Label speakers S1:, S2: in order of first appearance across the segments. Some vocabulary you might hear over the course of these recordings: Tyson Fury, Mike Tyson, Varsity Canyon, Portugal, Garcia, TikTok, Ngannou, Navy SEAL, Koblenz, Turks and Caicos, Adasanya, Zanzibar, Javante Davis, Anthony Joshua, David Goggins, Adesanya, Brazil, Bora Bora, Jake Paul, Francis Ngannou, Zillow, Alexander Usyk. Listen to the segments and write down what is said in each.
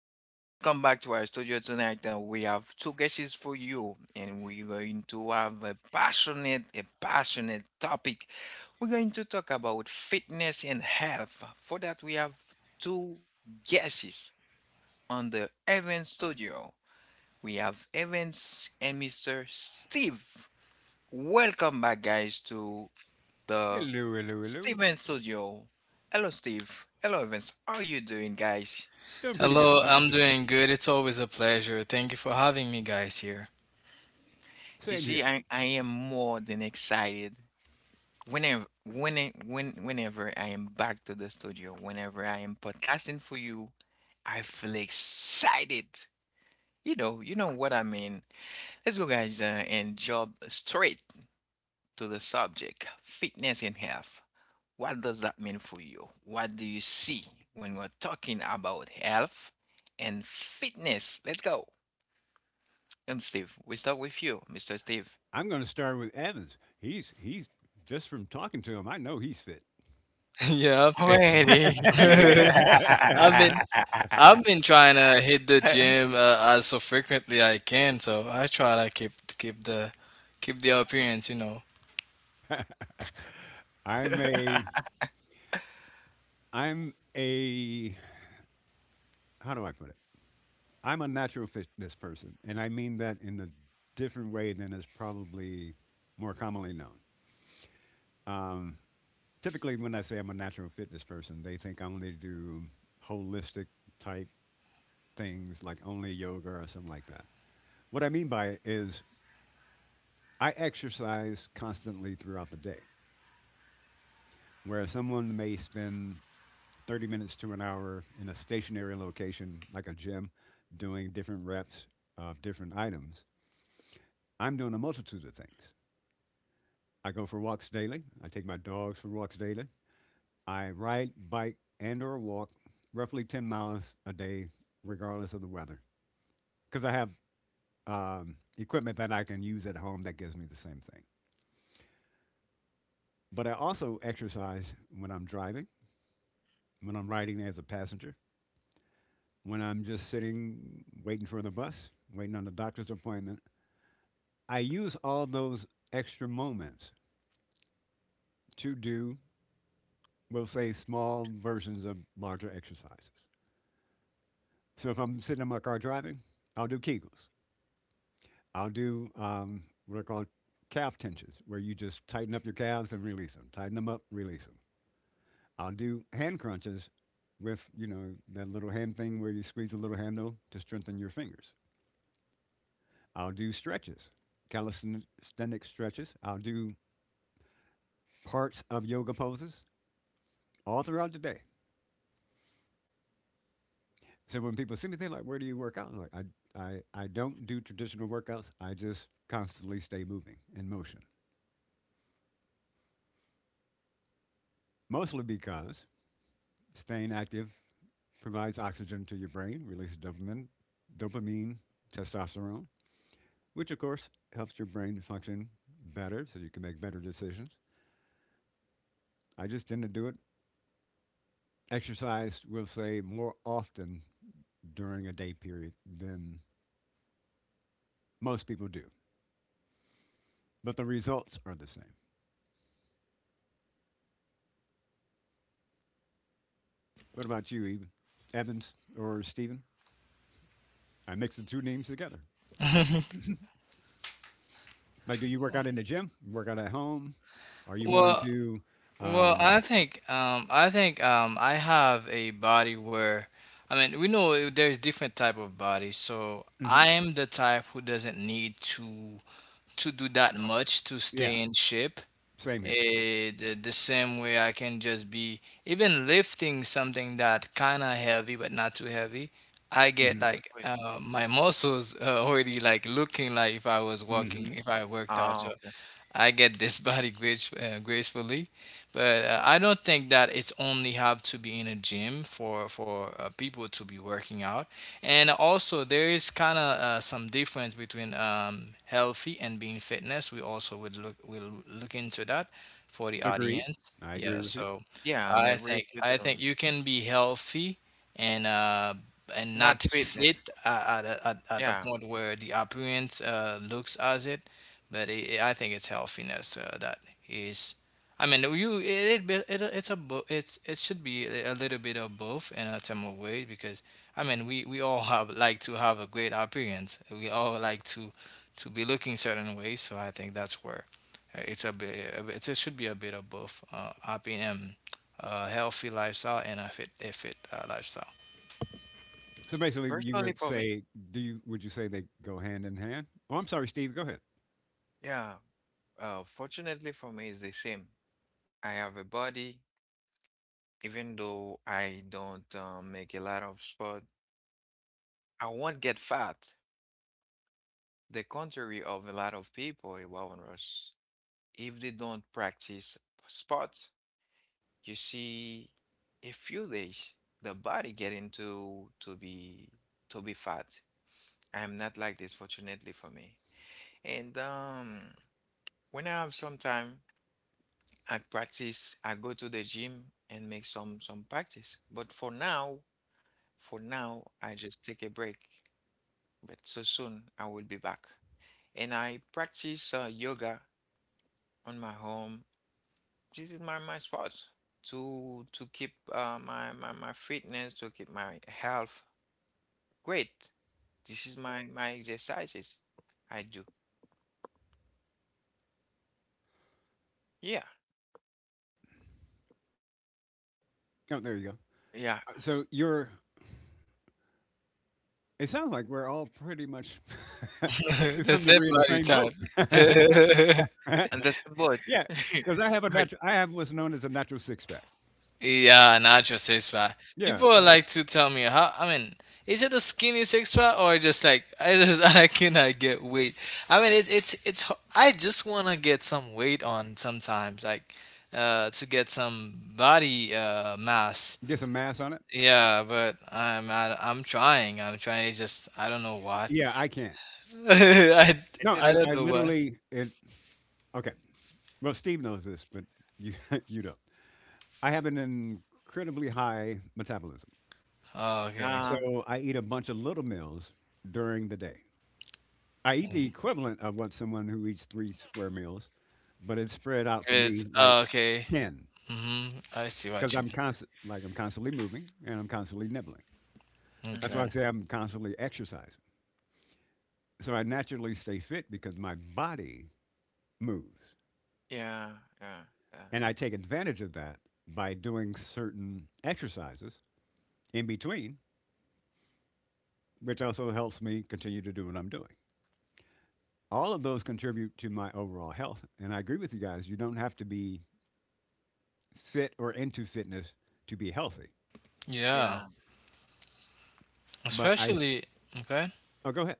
S1: Welcome back to our studio tonight. We have two guests for you, and we're going to have a passionate topic. We're going to talk about fitness and health. For that, we have two guests on the Evans studio. We have Evans and Mr. Steve. Welcome back, guys, to the
S2: Hello, hello, hello.
S1: Steven studio. Hello, Steve. Hello, Evans. How are you doing, guys?
S2: Doing pretty good.
S3: Hello,
S2: How about
S3: I'm
S2: you?
S3: doing good. It's always a pleasure. Thank you for having me guys here.
S1: You
S2: Same
S1: see,
S2: here.
S1: I am more than excited. Whenever when whenever I am back to the studio, whenever I am podcasting for you, I feel excited. You know what I mean. Let's go, guys, and jump straight to the subject: fitness and health. What does that mean for you? What do you see when we're talking about health and fitness? Let's go. And Steve, we start with you, Mr. Steve.
S2: I'm going to start with Evans. He's just from talking to him. I know he's fit.
S3: Yeah, okay.
S1: Really?
S3: I've been I've been trying to hit the
S1: Yeah.
S3: gym as so frequently I can, so I try to keep keep the appearance, you know.
S2: I'm a I'm a how do I put it? I'm a natural fitness person, and I mean that in a different way than is probably more commonly known. Um, Typically, when I say I'm a natural fitness person, they think I only do holistic type things like only yoga or something like that. What I mean by it is I exercise constantly throughout the day, whereas someone may spend 30 minutes to an hour in a stationary location like a gym doing different reps of different items. I'm doing a multitude of things. I go for walks daily. I take my dogs for walks daily. I ride, bike, and or walk roughly 10 miles a day, regardless of the weather, because I have equipment that I can use at home that gives me the same thing. But I also exercise when I'm driving, when I'm riding as a passenger, when I'm just sitting waiting for the bus, waiting on the doctor's appointment. I use all those extra moments to do, we'll say, small versions of larger exercises. So if I'm sitting in my car driving, I'll do Kegels. I'll do what are called calf tensions, where you just tighten up your calves and release them. Tighten them up, release them. I'll do hand crunches with, you know, that little hand thing where you squeeze the little handle to strengthen your fingers. I'll do stretches, calisthenic stretches. I'll do parts of yoga poses all throughout the day. So when people see me, they're like, "Where do you work out?" I'm like, "I don't do traditional workouts. I just constantly stay moving in motion, mostly because staying active provides oxygen to your brain, releases dopamine, dopamine, testosterone, which of course helps your brain function better, so you can make better decisions. I just tend to do it exercise, we'll say, more often during a day period than most people do, but the results are the same. What about you, Eve? Evans or Steven? I mix the two names together. Like, do you work out in the gym? Work out at home? Are you more
S3: Well,
S2: into?
S3: well, I
S2: Um,
S3: think I have a body where, I mean, there's different type of bodies. So
S2: mhm,
S3: I am the type who doesn't need to do that much to stay
S2: yeah,
S3: in shape.
S2: same here.
S3: The same way I can just be even lifting something that kind of heavy but not too heavy. I get
S2: Hmm.
S1: Good
S3: like
S1: for you.
S3: my muscles already like looking like if I was walking
S2: Hmm.
S3: if I worked out.
S1: Ah,
S3: So
S1: okay.
S3: I get this body grace, gracefully, but I don't think that it's only have to be in a gym for people to be working out. And also, there is kind of some difference between healthy and being fitness. We also would look will look into that for the
S2: Agreed.
S3: audience.
S2: I
S3: Yeah,
S2: agree with you.
S3: so
S1: Yeah, I'm
S3: I
S1: agree
S3: think
S1: with you.
S3: I think you can be healthy and uh, and
S1: Not
S3: not
S1: fitness.
S3: fit at a
S1: Yeah.
S3: point where the appearance looks as it, but it, I think it's healthiness that is. I mean, you it, it it it's it's it should be a little bit of both in a term of weight because I mean we all have like to have a great appearance. We all like to be looking certain ways. So I think that's where it's a bit, it's, it should be a bit of both. Happy and healthy lifestyle and a fit lifestyle.
S2: So basically, you
S1: Personally for
S2: would
S1: me,
S2: say, do you? Would you say they go hand in hand? Oh, I'm sorry, Steve. Go ahead.
S1: yeah. Fortunately for me, it's the same. I have a body, even though I don't make a lot of sport, I won't get fat. The contrary of a lot of people around us, if they don't practice sport, you see, a few days the body get into to be fat. I'm not like this, fortunately for me. And when I have some time, I practice. I go to the gym and make some practice. But for now, I just take a break. But so soon I will be back. And I practice yoga on my home. This is my sport to keep my fitness, to keep my health. Great. This is my exercises I do. Yeah,
S2: Oh, there you go.
S1: yeah.
S2: So you're it sounds like we're all pretty much to
S3: The
S2: some
S3: same
S2: degree in the
S3: body
S2: same
S3: type.
S2: boat.
S1: And that's about
S2: Yeah, because I have a
S1: right.
S2: natural. I have what's known as a natural six pack.
S3: Yeah, natural six pack.
S2: Yeah,
S3: People
S2: like
S3: like to tell me how. I mean, is it a skinny six pack or just like I just I cannot get weight. I mean, I just wanna get some weight on sometimes, like to get some body mass.
S2: get some mass on it.
S3: Yeah, but I'm trying. I'm trying. It's just I don't know what.
S2: Yeah, I can't.
S3: I
S1: And
S2: No,
S3: I
S2: I,
S1: just
S3: don't
S2: I
S3: know what.
S2: literally it. Okay, well Steve knows this, but you you don't. I have an incredibly high metabolism,
S3: Oh, okay.
S1: uh
S2: so I eat a bunch of little meals during the day. I eat the equivalent of what someone who eats three square meals, but it's spread out for me
S3: It's,
S2: like
S3: oh, okay.
S2: 10.
S3: Mhm. I see
S2: Because
S3: what you
S2: I'm constant, like I'm constantly moving and I'm constantly nibbling.
S3: mean.
S2: That's
S1: mhm.
S2: why I
S3: Okay.
S2: say I'm constantly exercising. So I naturally stay fit because my body moves,
S1: Yeah, yeah, yeah,
S2: and I take advantage of that by doing certain exercises in between, which also helps me continue to do what I'm doing. All of those contribute to my overall health, and I agree with you guys. You don't have to be fit or into fitness to be healthy.
S3: Yeah.
S1: yeah.
S2: But I,
S3: Especially okay,
S2: oh, go ahead.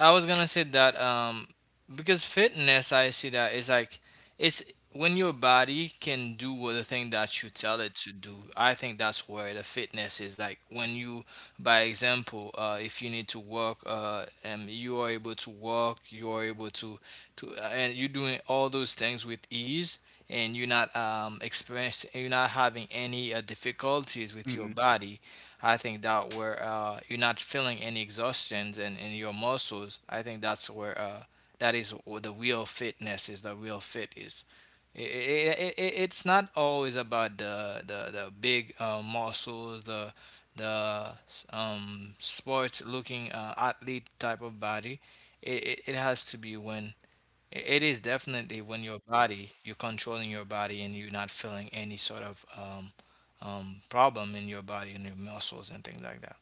S3: I was gonna say that because fitness I see that it's like it's when your body can do what the thing that you tell it to do, I think that's where the fitness is, like when you by example if you need to work and you are able to walk, you are able to and you're doing all those things with ease and you're not having any difficulties with your
S2: Hmm.
S3: body. I think that where you're not feeling any exhaustion in your muscles, I think that's where that is where the real fitness is. The real fit is. It? I it's not always about the big muscles, the the sports looking athlete type of body. It has to be when I- it is definitely when your body, you're controlling your body and you're not feeling any sort of problem in your body and your muscles and things like that.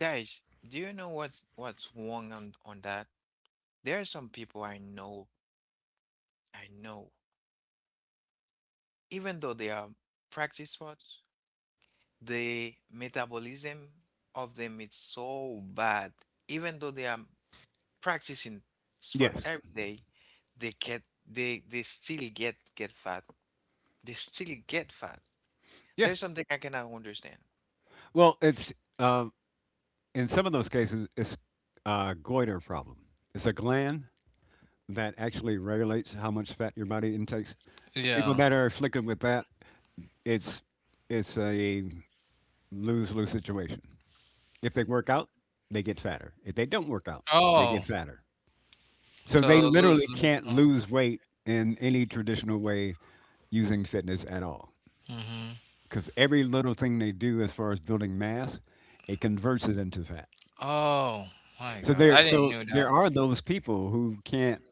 S1: Guys, do you know what's wrong on that? There are some people I know, even though they are practice sports, the metabolism of them is so bad. Even though they are practicing sport
S2: Yes,
S1: every day, they get they still get fat. They still get fat.
S2: yeah.
S1: There's something I cannot understand.
S2: Well, it's uh, in some of those cases, it's a goiter problem. It's a gland that actually regulates how much fat your body intakes. People
S3: Yeah.
S2: that are afflicted with that, it's it's a lose lose situation. If they work out, they get fatter. If they don't work out, they get
S3: Oh,
S2: fatter. So they
S3: so lose,
S2: literally
S3: lose.
S2: can't
S3: Uh-huh.
S2: lose weight in any traditional way using fitness at all.
S3: Mm-hmm.
S2: Because every little thing they do as far as building mass, it converts it into fat.
S3: Oh, my
S2: So
S3: God.
S2: there
S3: I didn't
S2: so
S3: know
S2: there
S3: that.
S2: are those people who can't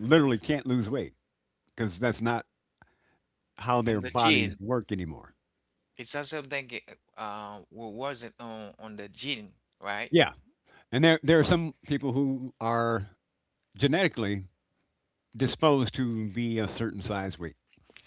S2: literally can't lose weight because that's not how their
S1: And the
S2: bodies
S1: gene,
S2: work anymore.
S1: it's not something wasn't on the gene, right?
S2: Yeah. And there are some people who are genetically disposed to be a certain size weight.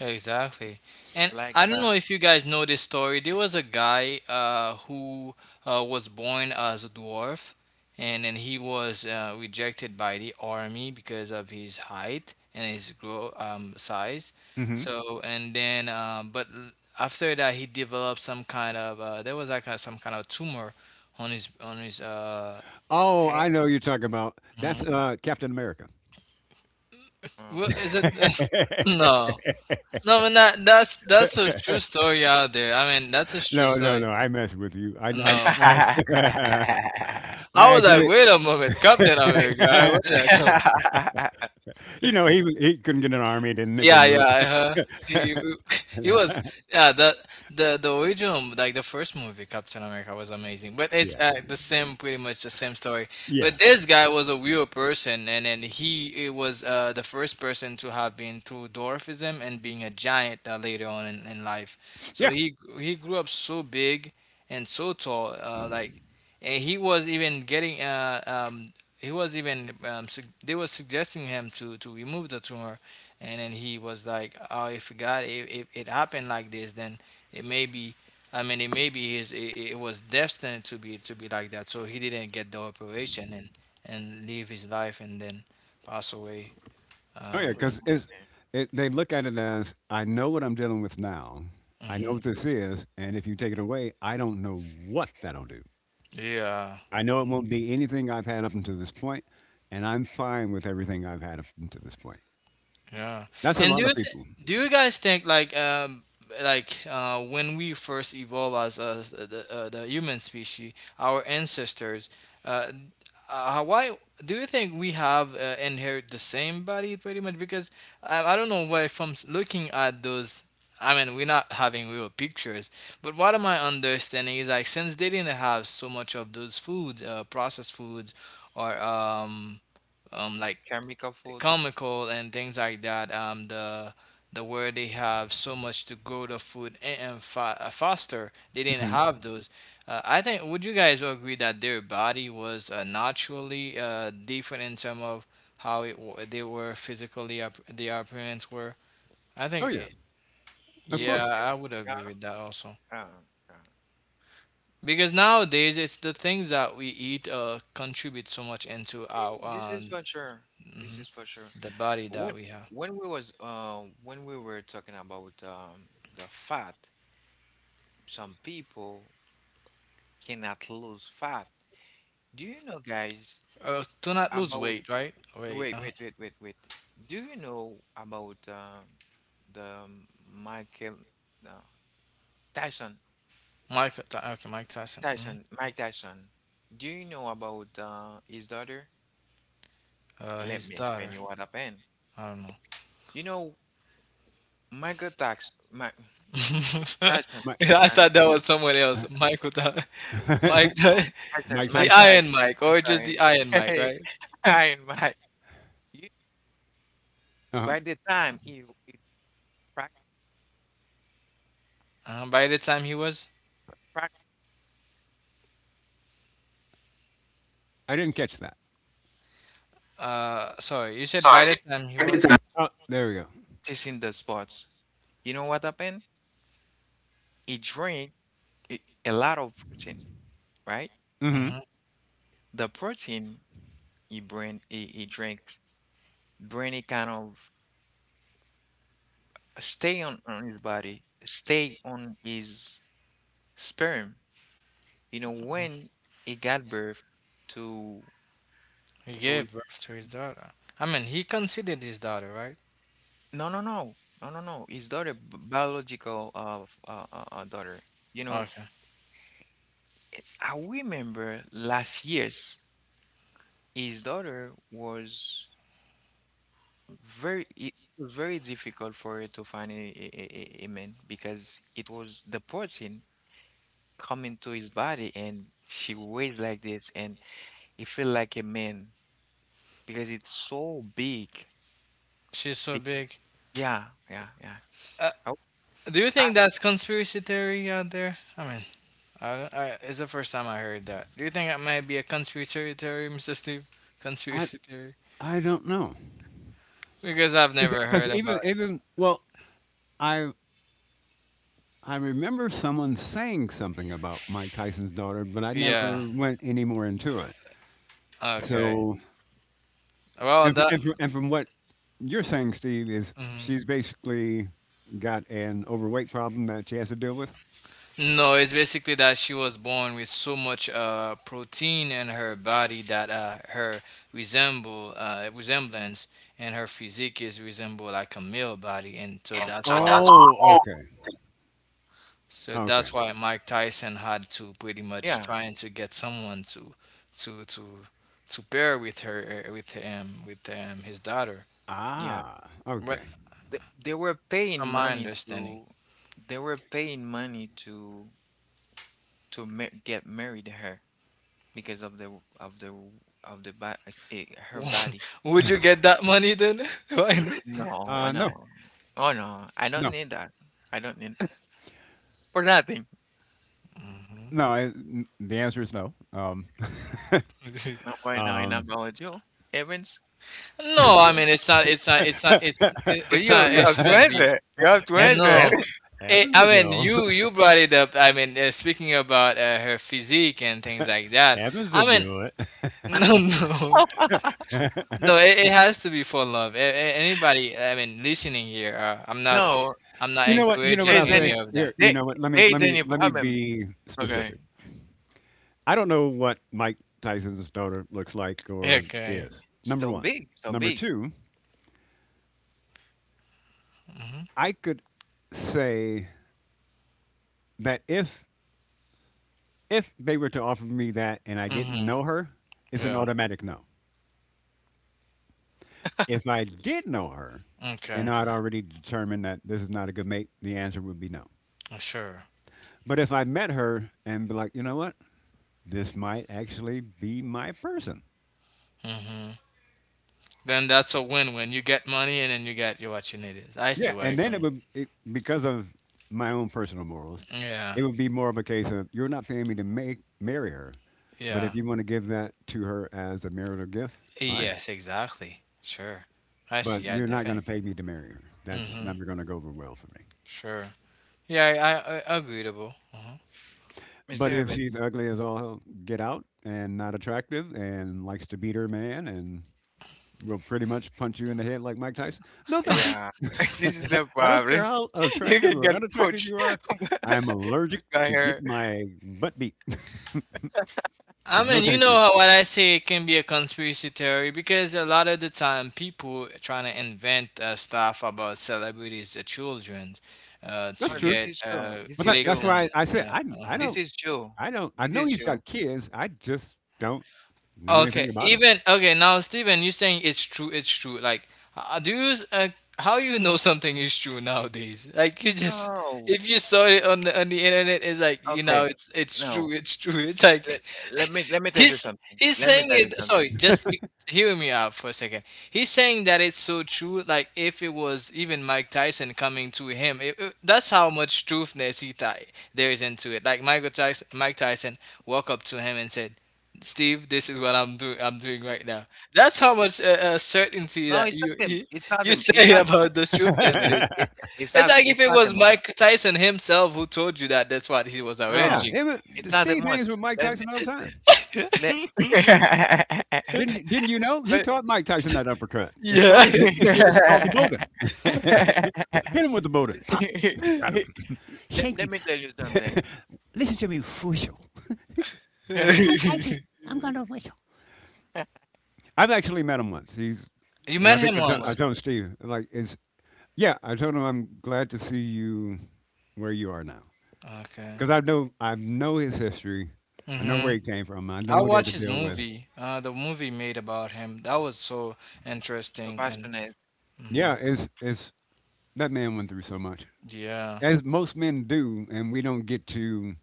S3: Exactly. And
S1: Like
S3: I don't
S1: the
S3: know if you guys know this story. There was a guy who was born as a dwarf, and then he was rejected by the army because of his height and his grow size.
S2: Hmm.
S3: So and then, after that, he developed some kind of there was like a, some kind of tumor on his
S2: Oh, I
S1: hair.
S2: know you're talking about. That's
S3: mhm.
S2: Captain America.
S3: Well, is it?
S1: Okay.
S3: No, no, but not, that's a true story out there. I mean, that's a true
S2: No, no,
S3: story.
S2: no. I mess with you.
S3: No,
S2: I
S3: I was like,
S2: actually,
S3: wait a moment, Captain America, where did that come?
S2: he couldn't get an army. Didn't make
S3: Yeah,
S2: him.
S3: yeah, he he was,
S2: Yeah,
S3: yeah, the original, like the first movie Captain America was amazing, but it's the same, pretty much the same story.
S2: yeah,
S3: But this guy was a real person, and then he, it was the first person to have been through dwarfism and being a giant later on in life. So
S2: yeah.
S3: he grew up so big and so tall, and he was even getting he was even they were suggesting him to remove the tumor, and then he was like, oh, if god if it happened like this, then it may be, I mean it may be his, it was destined to be like that, so he didn't get the operation and live his life and then pass away.
S2: Oh
S3: Uh
S2: yeah, because
S1: Unfortunately,
S2: they look at it as I know what I'm dealing with now. I know what
S3: mhm.
S2: this is, and if you take it away, I don't know what that'll do.
S3: Yeah.
S2: I know it won't be anything I've had up until this point, and I'm fine with everything I've had up until this point.
S3: Yeah.
S2: That's a
S3: And
S2: lot of people.
S3: do you guys think like when we first evolved as the human species, our ancestors, uh, why do you think we have inherit the same body pretty much? Because I don't know why from looking at those. I mean, we're not having real pictures, but what am I understanding is like since they didn't have so much of those food, processed foods, or like
S1: chemical food.
S3: comical and things like that. The where they have so much to grow the food, and faster, they didn't
S2: Hmm.
S3: have those. I think, would you guys agree that their body was naturally different in terms of they were physically up the appearance were? I
S2: Oh
S3: think
S2: yeah,
S3: it,
S2: of
S1: This
S3: yeah,
S2: course.
S1: is
S3: I would
S1: uh,
S3: agree with that also.
S1: uh, uh.
S3: Because nowadays it's the things that we eat contribute so much into our
S1: This is for sure. This
S3: mhm,
S1: is for sure.
S3: the body that
S1: When
S3: we have.
S1: when we was when we were talking about the fat, some people cannot lose fat. Do you know, guys,
S3: Do not lose
S1: about
S3: weight, right? Wait,
S1: wait, wait, wait, wait, wait. Do you know about the Michael uh, Tyson,
S3: Mike Tyson. Hmm.
S1: Tyson, Mike Tyson? Do you know about his daughter? Let
S3: His
S1: me explain
S3: daughter.
S1: you what happened.
S3: I don't know.
S1: You know, Mike Tyson.
S2: Mike,
S3: Yeah, I thought that was someone else.
S2: uh,
S3: Michael, Ty- Mike, Ty-
S1: Oh,
S2: Mike
S3: the
S1: Mike
S2: Tyson.
S3: Iron
S1: Tyson.
S3: Mike,
S1: I'm
S3: or just
S1: sorry.
S3: the Iron Mike,
S1: Hey,
S3: right?
S1: Iron Mike. You,
S2: Uh huh.
S1: by the time you prac-
S3: By the time he was,
S1: prac-
S2: I didn't catch that.
S3: sorry, you said by the
S1: sorry.
S3: time he
S1: By the
S3: was,
S1: time
S2: Oh, there we go.
S1: practicing the sports, you know what happened? He drank a, a lot of protein, right?
S2: Hmm.
S3: uh
S1: The protein he drinks, bring it kind of stay on his body, stay on his sperm. You know, when he got birth to
S3: he
S1: to
S3: gave birth to his daughter. I mean, he considered his daughter, right?
S1: no, no, no, no, no, no. His daughter, biological daughter. You know,
S3: Okay,
S1: I remember last year's. His daughter was very. It was very difficult for her to find a man because it was the protein coming to his body, and she weighs like this, and it felt like a man because it's so big.
S3: she's so
S1: Be-
S3: big.
S1: Yeah, yeah, yeah.
S3: Uh,
S1: I-
S3: do you think that's conspiracy theory out there? I mean, I, it's the first time I heard that. Do you think it might be a conspiracy theory, Mr. Steve?
S2: I
S3: Conspiracy theory?
S2: I don't know
S3: Because I've never
S2: because
S3: heard about.
S2: even well, I I remember someone saying something about Mike Tyson's daughter, but I
S3: Yeah.
S2: never went any more into it.
S3: Okay.
S2: So,
S3: Well,
S2: and, fr-
S3: that.
S2: and, fr- and from what you're saying, Steve, is
S3: Mhm.
S2: she's basically got an overweight problem that she has to deal with?
S3: No, it's basically that she was born with so much protein in her body that her resemble resemblance and her physique is resemble like a male body, and so
S1: And
S3: that's
S1: so
S3: why.
S1: that's
S2: Oh, okay.
S3: So
S2: Okay.
S3: that's why Mike Tyson had to pretty
S1: yeah,
S3: much trying to get someone to to to to pair with her with him with his daughter.
S1: yeah.
S2: Ah,
S3: But
S2: okay.
S1: They were paying
S3: from my
S1: money
S3: understanding,
S1: to they were paying money to ma get married to her because of of the bo- eh, her body.
S3: would you get that money then? Why not?
S1: No,
S2: No,
S1: no. Oh no, I don't
S2: no,
S1: need that. I don't need that for nothing.
S2: no. The answer is no.
S3: Mhm.
S1: Not right now in
S2: Um,
S1: biology. Evans,
S3: No,
S1: would
S3: I
S1: you?
S3: mean
S1: Would
S3: it's
S1: you?
S3: not,
S1: You
S3: it
S1: have to
S3: shouldn't be.
S1: answer. You have to
S2: Evan,
S1: answer.
S3: No.
S2: Evan,
S3: It,
S2: Evans
S3: I mean,
S2: will
S3: you
S2: go.
S3: you brought it up. I mean, speaking about her physique and things like that.
S2: Evans will
S3: I mean,
S2: do
S3: no, no.
S2: it.
S3: No, it has to be for love. Anybody, I mean, listening here,
S1: No,
S3: I'm not
S2: You know what? You know
S1: there
S2: what
S3: encouraging
S2: I'll
S1: is
S3: any
S1: any
S2: say?
S3: of that.
S2: Here,
S1: there,
S2: you know what? Let me
S1: there is any problem.
S2: be
S1: Okay.
S2: specific. I don't know what Mike Tyson's daughter looks like or
S3: Okay.
S2: is. Number
S1: So
S2: 1.
S1: big, so
S2: Number
S1: big.
S2: 2,
S3: Mhm.
S2: I could say that if they were to offer me that and I didn't
S3: Mhm.
S2: know her, it's an
S3: Yeah.
S2: automatic no. If I did know her and
S3: Okay.
S2: I'd already determined that this is not a good mate, the answer would be no.
S3: Sure.
S2: But if I met her and be like, "You know what? This might actually be my person."
S3: Mhm. Then that's a win-win. You get money, and then you get you what you need is. I see
S2: Yeah,
S3: where you're
S2: and then
S3: coming.
S2: because of my own personal morals,
S3: Yeah.
S2: it would be more of a case of you're not paying me to make marry her, but
S3: Yeah.
S2: if you want to give that to her as a marital gift, fine.
S3: Yes. Exactly. Sure. I see.
S2: But
S3: I
S2: you're not going to
S3: think.
S2: pay me to marry her. That's
S3: Mhm.
S2: never going to go over well for me.
S3: Sure. Yeah. I agreeable. Uh-huh.
S1: Mr.
S2: But if
S1: Evans.
S2: she's ugly as all get out and not attractive and likes to beat her man and will pretty much punch you in the head like Mike Tyson. No, thank you.
S1: Yeah, this is the
S2: I don't
S1: problem.
S2: care how
S1: You
S2: attractive
S1: can
S2: or
S1: get
S2: unattractive
S1: pushed
S2: you are. I'm allergic
S1: pushed by
S2: to get
S1: her.
S2: my butt beat. So
S3: I
S2: no,
S3: mean, you
S2: thank
S3: know
S2: you.
S3: how what I say can be a conspiracy theory because a lot of the time people trying to invent stuff about celebrities, the children,
S2: That's
S3: to
S1: No,
S2: true.
S1: this
S3: get
S1: is you. This
S2: But that,
S1: is
S2: that's
S3: clicks
S1: you.
S3: and.
S2: why I said
S3: Uh,
S2: I I
S3: uh
S1: This
S2: don't
S1: is you.
S2: I don't I
S1: This
S2: know
S1: is
S2: he's
S1: you.
S2: got kids. I just don't know
S3: Okay,
S2: anything about him.
S3: even okay now, Steven, you're saying it's true. It's true. Like, do you how you know something is true nowadays? Like, you just
S1: No.
S3: if you saw it on the internet, it's like you know
S1: Okay.
S3: it's true.
S1: No.
S3: It's true. It's like
S1: Let, let me tell you
S3: he's
S1: something.
S3: he's
S1: Let me
S3: saying
S1: tell you
S3: it, sorry,
S1: something.
S3: hear me out for a second. He's saying that it's so true, like if it was even Mike Tyson coming to him, that's how much truthness there is into it. Like Michael Tyson, Mike Tyson walked up to him and said, Steve, this is what I'm doing, I'm doing right now. That's how much certainty
S1: No,
S3: that
S1: it's not
S3: you
S1: them. It's not
S3: you
S1: them. It's
S3: say
S1: not
S3: about the truthness it
S1: Evan.
S3: is.
S1: It's
S3: It's
S1: not
S3: like if
S1: it's
S3: it
S1: not
S3: was
S1: them.
S3: Mike Tyson himself who told you that that's what he was
S2: Yeah,
S3: arranging.
S1: No,
S2: him,
S1: it's not
S2: Steve
S1: them. Let,
S2: hangs with Mike Tyson all the time.
S1: let, let,
S2: Didn't you know he
S1: but
S2: taught Mike Tyson that uppercut? It's called
S3: Yeah.
S2: it's, it's called the Bowden. Hit him with the Bowden. Pop.
S1: Let,
S2: Thank you.
S1: let me tell you something.
S2: Listen to me, Fushel. Mike Tyson. I'm gonna whistle. I've actually met him once.
S3: You
S2: And
S3: met
S2: I think
S3: him
S2: I, told I
S1: What?
S3: once.
S2: told Steve, like, is yeah, I told him I'm glad to see you where you are now,
S3: Okay.
S2: because I know his history, I know
S3: Mm-hmm.
S2: where he came from, I know
S3: I
S2: what he had
S3: watched
S2: to
S3: his
S2: deal with.
S3: movie. The movie made about him. That was so
S1: So
S3: interesting and
S1: passionate.
S3: mm-hmm.
S2: Yeah, it's that man went through so much,
S3: Yeah.
S2: as most men do, and we don't get to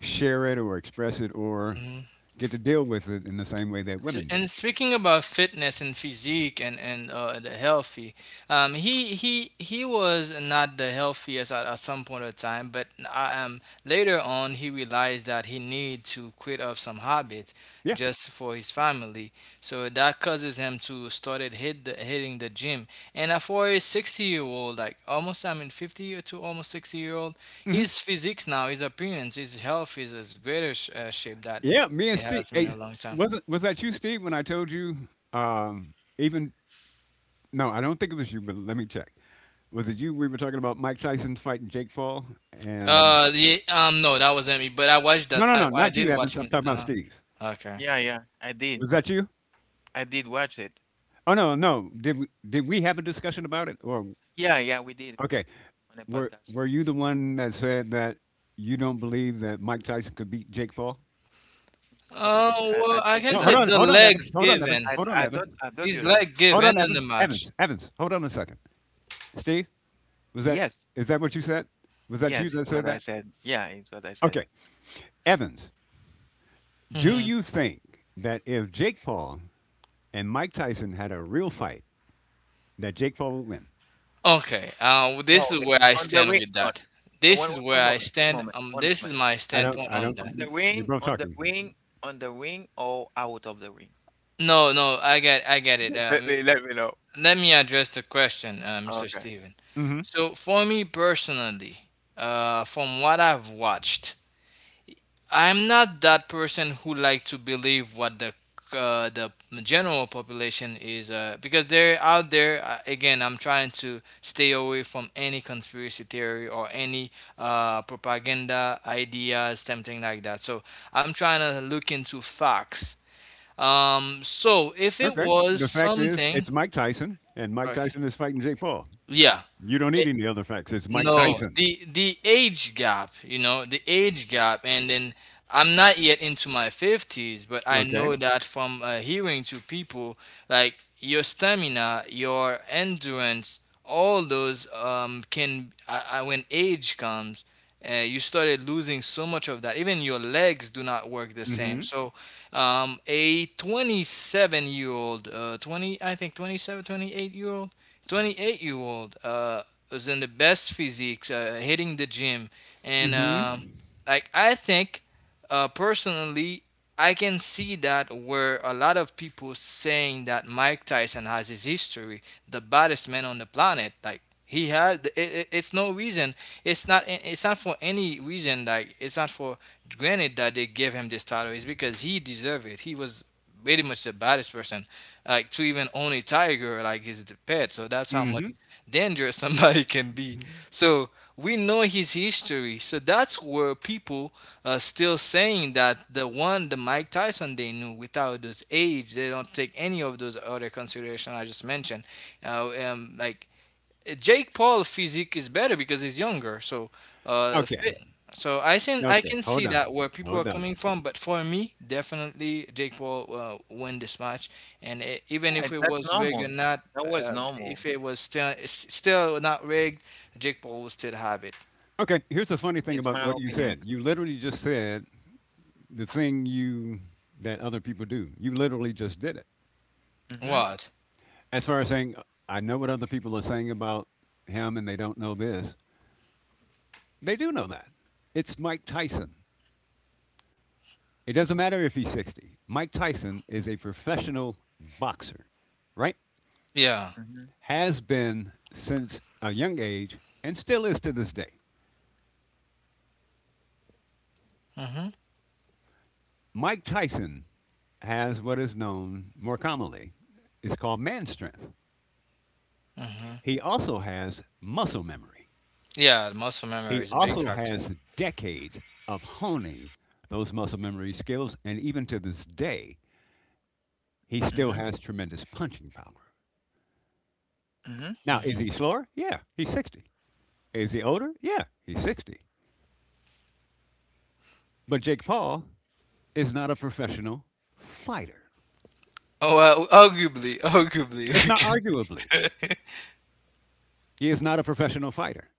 S2: share it or express it or
S3: Mm-hmm.
S2: get to deal with it in the same way that
S3: So,
S2: women do.
S3: and speaking about fitness and physique and the healthy, he was not the healthiest at some point of time, but later on he realized that he need to quit of some habits
S2: Yeah.
S3: just for his family. So that causes him to started hitting the gym. And for a 60 year old, like almost I mean 50 or to almost 60 year old,
S2: Mhm.
S3: his physique now, his appearance, his health is as greater shape that
S2: Yeah, me
S3: it
S2: and Steve
S3: has been a
S2: hey,
S3: long time.
S2: wasn't was that you, Steve, when I told you, even no, I don't think it was you, but let me check. Was it you? We were talking about Mike Tyson's fighting Jake Paul, and
S3: The No, that wasn't me. But I watched that.
S2: no, no,
S3: I,
S2: no,
S3: I
S2: not
S3: did
S2: you,
S3: watch
S2: Evans. I'm
S3: him.
S2: talking about Steve.
S3: Okay.
S1: Yeah, yeah, I did.
S2: Was that you?
S1: I did watch it.
S2: Oh no, no. Did we have a discussion about it? Or
S1: Yeah, yeah, we did. We
S2: okay,
S1: did on a
S2: were
S1: podcast.
S2: were you the one that said that you don't believe that Mike Tyson could beat Jake Paul?
S1: Yes, I did.
S3: Oh well,
S1: I
S3: I
S1: told you
S3: can
S2: No, hold
S3: say
S1: that.
S2: on,
S3: the
S2: hold on,
S3: legs
S2: Evans, hold on, Evans,
S3: given.
S1: I
S2: hold on,
S1: I
S2: Evans,
S1: told I told
S3: His
S1: you that.
S3: leg
S2: hold
S3: given
S2: on,
S3: in the
S2: Evans,
S3: match.
S2: Evans, Evans, hold on a second, Steve. Was that
S1: Yes,
S2: is that what you said? Was that you
S1: yes,
S2: that
S1: it's
S2: said
S1: what I
S2: that?
S1: said. Yeah, it's what I said.
S2: Okay. Evans, do
S3: Hmm.
S2: you think that if Jake Paul and Mike Tyson had a real fight, that Jake Paul would win?
S3: Okay. This
S1: No,
S3: is
S1: it-
S3: where I
S1: on the
S3: stand
S1: wing.
S3: with
S1: No,
S3: that.
S1: no,
S3: This
S1: one,
S3: is where
S1: one
S3: I
S1: moment. One
S3: stand.
S1: moment. One
S3: This is
S1: moment.
S3: my
S2: I don't
S3: standpoint
S2: I
S3: on
S2: don't
S1: On
S3: that.
S1: the
S2: You're
S1: wing.
S2: both
S1: On the
S2: talking.
S1: wing. On the wing. Or out of the ring.
S3: No, no, I get it.
S1: Just let me know.
S3: Let me address the question, Mr.
S1: Okay.
S3: Steven.
S2: Hmm.
S3: So for me personally, from what I've watched, I'm not that person who like to believe what the general population is, because they're out there, again, I'm trying to stay away from any conspiracy theory or any propaganda ideas, something like that, so I'm trying to look into facts, so if it
S2: Okay.
S3: was
S2: The fact is
S3: something.
S2: it's Mike Tyson and Mike
S3: Okay.
S2: Tyson is fighting Jake Paul.
S3: Yeah.
S2: You don't need any other facts. It's Mike
S3: No,
S2: Tyson.
S3: the age gap, the age gap, and then I'm not yet into my 50s, but I
S2: Okay.
S3: know that from, hearing to people, like your stamina, your endurance, all those, can, when age comes, you started losing so much of that. Even your legs do not work the same.
S2: Hmm.
S3: So, a 27-year-old, 20, I think 27, 28-year-old. 28-year-old was in the best physiques, hitting the gym, and,
S2: Hmm.
S3: like I think, personally, I can see that where a lot of people saying that Mike Tyson has his history, the baddest man on the planet, like. He has. It's no reason. It's not. It's not for any reason. Like it's not for granted that they gave him this title. It's because he deserved it. He was pretty much the baddest person, like to even own a tiger, like his pet. So that's how much
S2: Hmm.
S3: dangerous somebody can be. So we know his history. So that's where people are still saying that the one, the Mike Tyson they knew without those age, they don't take any of those other consideration I just mentioned. Like Jake Paul physique is better because he's younger. So,
S2: Okay.
S3: fit. So I can I
S2: Okay.
S3: can
S2: Hold
S3: see
S2: on.
S3: that where people are
S2: Hold on.
S3: coming from, but for me, definitely Jake Paul, win this match. And even
S1: Yeah,
S3: if it
S1: that's
S3: was rigged or
S1: normal.
S3: not,
S1: That was normal.
S3: if it was still still not rigged, Jake Paul will still have it.
S2: Okay. Here's the funny thing
S1: It's
S2: about
S1: my
S2: what you
S1: opinion.
S2: said. You literally just said the thing you that other people do. You literally just did it.
S1: Mhm,
S3: What?
S2: As far as saying, I know what other people are saying about him and they don't know this, they do know that. It's Mike Tyson. It doesn't matter if he's 60. Mike Tyson is a professional boxer, right?
S3: Yeah.
S1: mhm,
S2: Has been since a young age and still is to this day.
S3: Mhm.
S2: Mike Tyson has what is known more commonly is called man strength.
S3: Mhm.
S2: He also has muscle memory.
S3: Yeah. The muscle memory
S2: He
S3: is a big
S2: also
S3: factor.
S2: has decades of honing those muscle memory skills, and even to this day, he still
S1: mhm,
S2: has tremendous punching power.
S1: mhm.
S2: Now, is he
S3: Mhm.
S2: slower? Yeah, he's 60. Is he older? Yeah, he's 60. But Jake Paul is not a professional fighter.
S3: Oh, well, arguably, arguably.
S2: It's not arguably. He is not a professional fighter,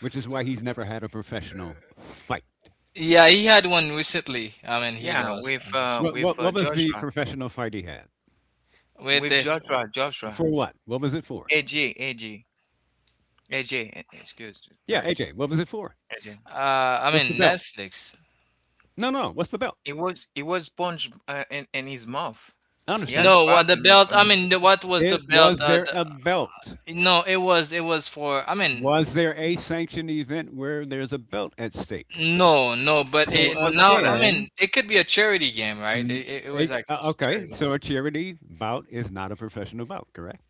S2: which is why he's never had a professional fight.
S3: Yeah, he had one recently. I mean, he
S1: Yeah,
S3: lost, unfortunately.
S2: What,
S1: with
S2: what, what was the
S1: Joshua,
S2: professional fight he had?
S3: With
S1: with
S3: this,
S1: Joshua, Joshua,
S2: For what? What was it for?
S1: AJ, AJ, AJ. Excuse,
S2: Yeah,
S1: sorry,
S2: AJ, what was it for?
S1: AJ.
S3: I
S2: What's the
S3: mean,
S2: belt?
S3: Netflix.
S2: No, no, what's the belt?
S1: It was sponge in his mouth.
S2: I
S1: He has
S2: understand.
S3: No, what the
S1: problem with.
S3: belt, I mean, what was the
S2: It
S3: belt,
S2: was there a belt?
S3: no, it was it was for, I mean,
S2: Was there a sanctioned event where there's a belt at stake?
S3: no, no, but
S2: So
S1: It
S3: it
S1: wasn't
S3: now,
S1: for
S3: I
S1: that,
S3: mean,
S2: again,
S3: it could be a charity game, right,
S2: mm,
S3: it was like a
S2: okay,
S3: charity.
S2: so a charity bout is not a professional bout, correct?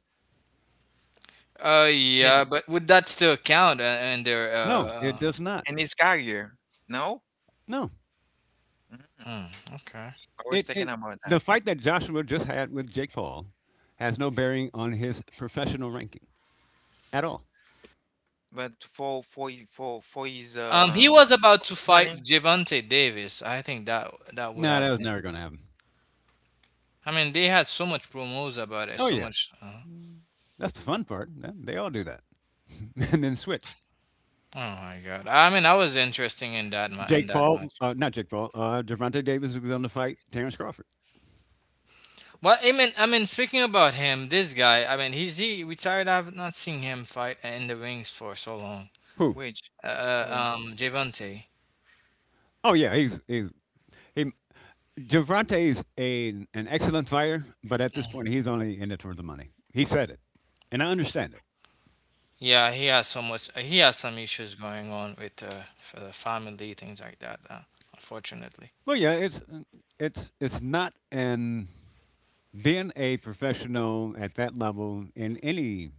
S3: Yeah,
S1: and,
S3: but would that still count, and their
S2: No, it does not.
S1: and his career. No,
S2: No,
S1: mm,
S3: hmm, okay.
S1: I was
S2: it,
S1: thinking
S2: it
S1: about that.
S2: the fight that Joshua just had with Jake Paul has no bearing on his professional ranking at all.
S1: But
S3: He was about
S1: for his
S3: to fight
S1: money,
S3: Javante Davis, I think that would
S2: No,
S3: have
S2: that was
S3: been.
S2: never going to happen.
S3: I mean, they had so much promos about it,
S2: Oh
S3: so
S2: yeah,
S3: much.
S2: that's the fun part. Yeah, they all do that, and then switch.
S3: Oh my God. I mean, I was interesting in that
S2: Jake Paul,
S3: much.
S2: not Jake Paul, Javante Davis was going to fight Terrence Crawford.
S3: Well, I mean, speaking about him, this guy. I mean, he retired. I've not seen him fight in the rings for so long.
S2: Who?
S1: which, well,
S3: Javante.
S2: Oh yeah, he's he. Javante is a an excellent fighter, but at this point, he's only in it for the money. He said it, and I understand it.
S3: Yeah, he has so much. He has some issues going on with family things like that. Unfortunately.
S2: Well, yeah, it's not an being a professional at that level in any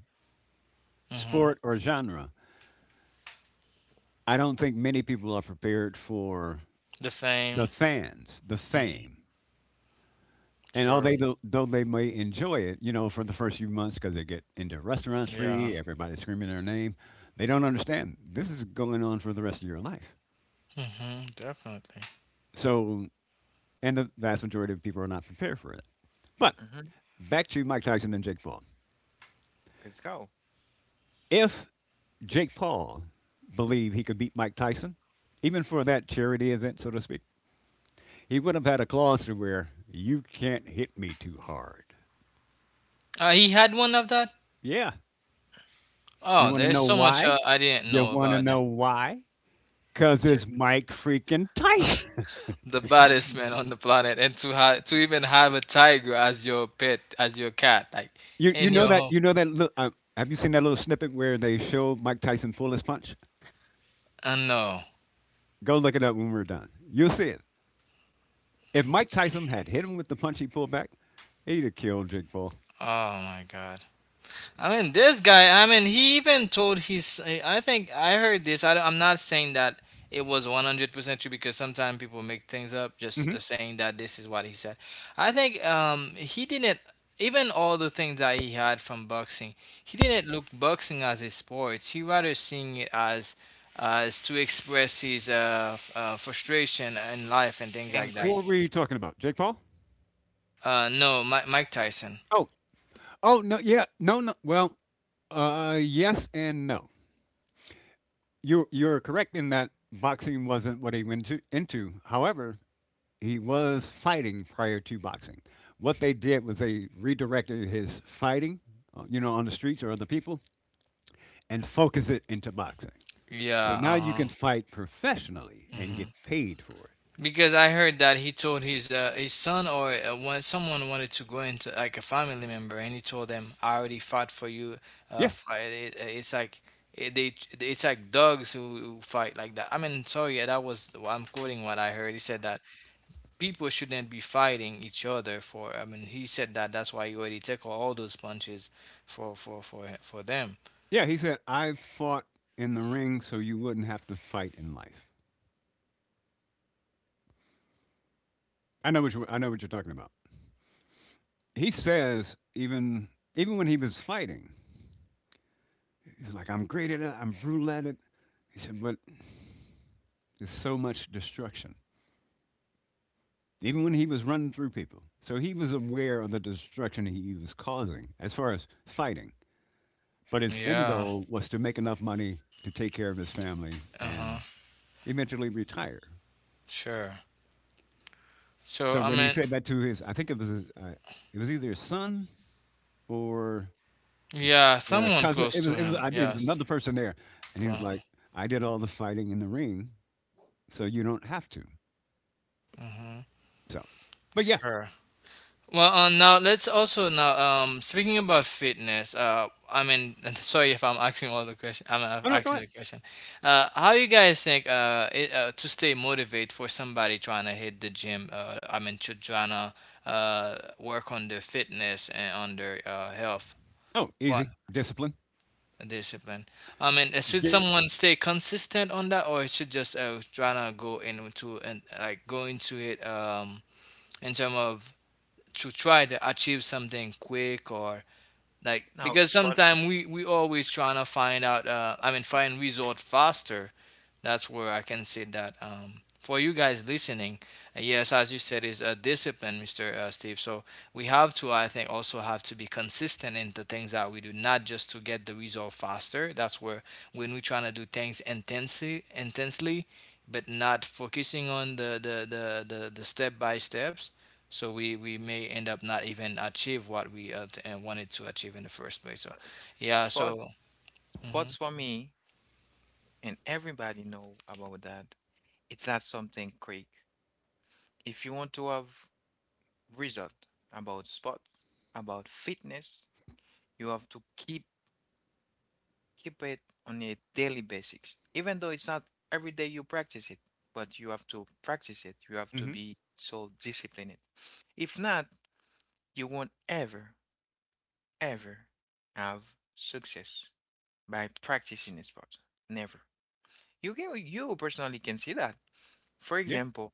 S3: Hmm.
S2: sport or genre. I don't think many people are prepared for
S3: The
S2: the
S3: fame.
S2: fans, the
S3: Hmm.
S2: fame. And
S3: Sure.
S2: although they though they may enjoy it, you know, for the first few months because they get into restaurants
S3: Yeah.
S2: free, everybody's screaming their name, they don't understand this is going on for the rest of your life.
S3: Hmm. Definitely.
S2: So, and the vast majority of people are not prepared for it. But
S1: mhm,
S2: back to Mike Tyson and Jake Paul.
S1: let's go.
S2: If Jake Paul believed he could beat Mike Tyson, even for that charity event, so to speak, he would have had a clause to where you can't hit me too hard.
S3: He had one of that.
S2: Yeah. You
S3: Oh,
S2: want to
S3: there's
S2: know
S3: so much,
S2: why?
S3: I didn't
S2: You
S3: know
S2: want to
S3: about that.
S2: know why? 'Cause
S1: Just
S2: it's Mike freaking Tyson.
S3: The baddest man on the planet, and to even have a tiger as your pet, as your cat, like
S2: You
S3: in
S2: know
S3: your
S2: that
S3: home.
S2: you know that lit have you seen that little snippet where they show Mike Tyson pull his punch?
S3: I know.
S2: Go look it up when we're done. You'll see it. If Mike Tyson had hit him with the punch he pulled back, he'd have killed Jake Paul.
S3: Oh my God. I mean, this guy, I mean, he even told his. I think I heard this. I am not saying that it was 100% true because sometimes people make things up, just
S2: Mhm.
S3: saying that this is what he said. I think, he didn't. Even all the things that he had from boxing, he didn't look boxing as a sport. He rather seeing it as to express his frustration in life and things like that.
S2: Who are
S1: angry.
S2: we talking about? Jake Paul?
S3: No, Mike Tyson.
S2: Oh. Oh, no, yeah. Yes and no. You're correct in that boxing wasn't what he went to into. However, he was fighting prior to boxing. What they did was they redirected his fighting, you know, on the streets or other people, and focus it into boxing. So
S3: Yeah.
S2: now you
S3: Uh
S2: can fight professionally and get
S3: huh.
S2: paid for it.
S3: Because I heard that he told his son, or someone wanted to go into like a family member, and he told them, "I already fought for you."
S2: Yeah,
S3: Fight. It's like, it, they it's like dogs who fight like that. I mean, sorry, yeah, that was I'm quoting what I heard. He said that people shouldn't be fighting each other for. I mean, he said that that's why you already took all those punches for them.
S2: yeah. He said, "I fought in the ring, so you wouldn't have to fight in life." I know what you're talking about. He says even when he was fighting, he was like, "I'm great at it. I'm brutal at it." He said, "But there's so much destruction." Even when he was running through people, so he was aware of the destruction he was causing as far as fighting. But his end
S3: Yeah.
S2: goal was to make enough money to take care of his family
S3: Uh huh.
S2: and eventually retire.
S3: Sure. So
S2: So
S3: I
S2: when he
S3: mean,
S2: said that to his, I think it was either his son or his
S3: yeah, someone
S2: cousin.
S3: close
S2: It
S3: to
S2: was it was
S3: him.
S2: I- it was
S3: Yes.
S2: another person there, and he
S3: Go.
S2: was like, "I did all the fighting in the ring, so you don't have to."
S3: Hmm.
S2: So, but yeah,
S3: Sure. Well, now let's also now speaking about fitness. I mean, sorry if I'm asking all the question. I'm
S2: oh no, go
S3: asking
S2: ahead.
S3: the question. How you guys think, to stay motivated for somebody trying to hit the gym? I mean, to trying to work on their fitness and on their health.
S2: Oh,
S3: What?
S2: easy discipline.
S3: Discipline? I mean, should
S2: Get,
S3: someone stay consistent on that, or should just trying to go into, and like go into it, in terms of to try to achieve something quick, or like,
S1: Now,
S3: because
S1: sport,
S3: sometimes we always trying to find out, I mean, find result faster. That's where I can say that, for you guys listening, yes, as you said, is a discipline, Mr., Steve. So we have to, I think, also have to be consistent in the things that we do, not just to get the result faster. That's where, when we trying to do things intensely intensely, but not focusing on the step by steps, so we may end up not even achieve what we, wanted to achieve in the first place. So yeah,
S1: sport,
S3: so.
S1: sports
S3: Hmm.
S1: for me, and everybody know about that. It's not something quick. If you want to have result about sport, about fitness, you have to keep it on a daily basis. Even though it's not every day you practice it, but you have to practice it. You have to
S2: hmm.
S1: be so disciplined. If not, you won't ever, ever have success by practicing a sport. Never. You can you personally can see that. For
S2: Yeah,
S1: example,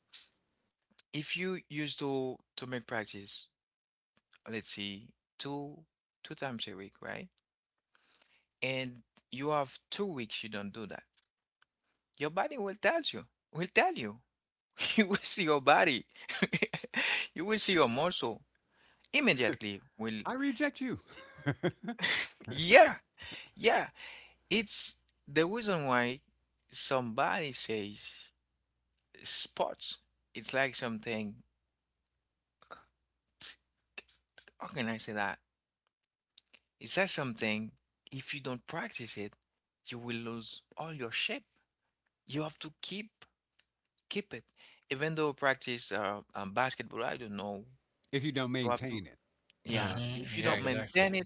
S1: if you used to make practice, let's see, two two times a week, right? And you have 2 weeks you don't do that. Your body will tell you. Will tell you. You will see your body. You will see your muscle immediately. Will
S2: I reject you.
S1: yeah, yeah. It's the reason why somebody says sports. It's like something. How can I say that? Is that something, if you don't practice it, you will lose all your shape. You have to keep it. Even though practice basketball, I don't know.
S2: If you don't
S1: You have to,
S2: maintain it,
S1: yeah.
S2: the
S3: Hmm.
S1: If you
S3: Yeah,
S1: don't
S2: work ethic.
S3: exactly.
S1: maintain
S2: Yeah.
S1: it,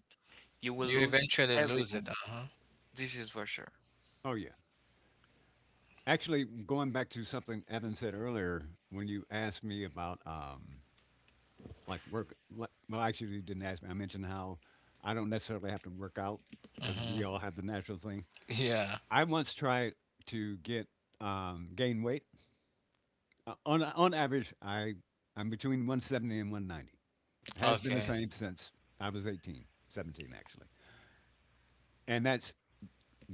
S1: you will
S3: You
S1: lose
S3: eventually lose it.
S1: everything.
S3: Uh-huh.
S1: This is for sure.
S2: Oh, yeah. Actually, going back to something Evan said earlier, when you asked me about like work, well, actually, you didn't ask me. I mentioned how I don't necessarily have to work out because
S3: Hmm.
S2: we all have the natural thing.
S3: Yeah.
S2: I once tried to get gain weight. On average, I'm between 170 and 190. Has been the
S3: Okay.
S2: same since I was 18, 17 actually, and that's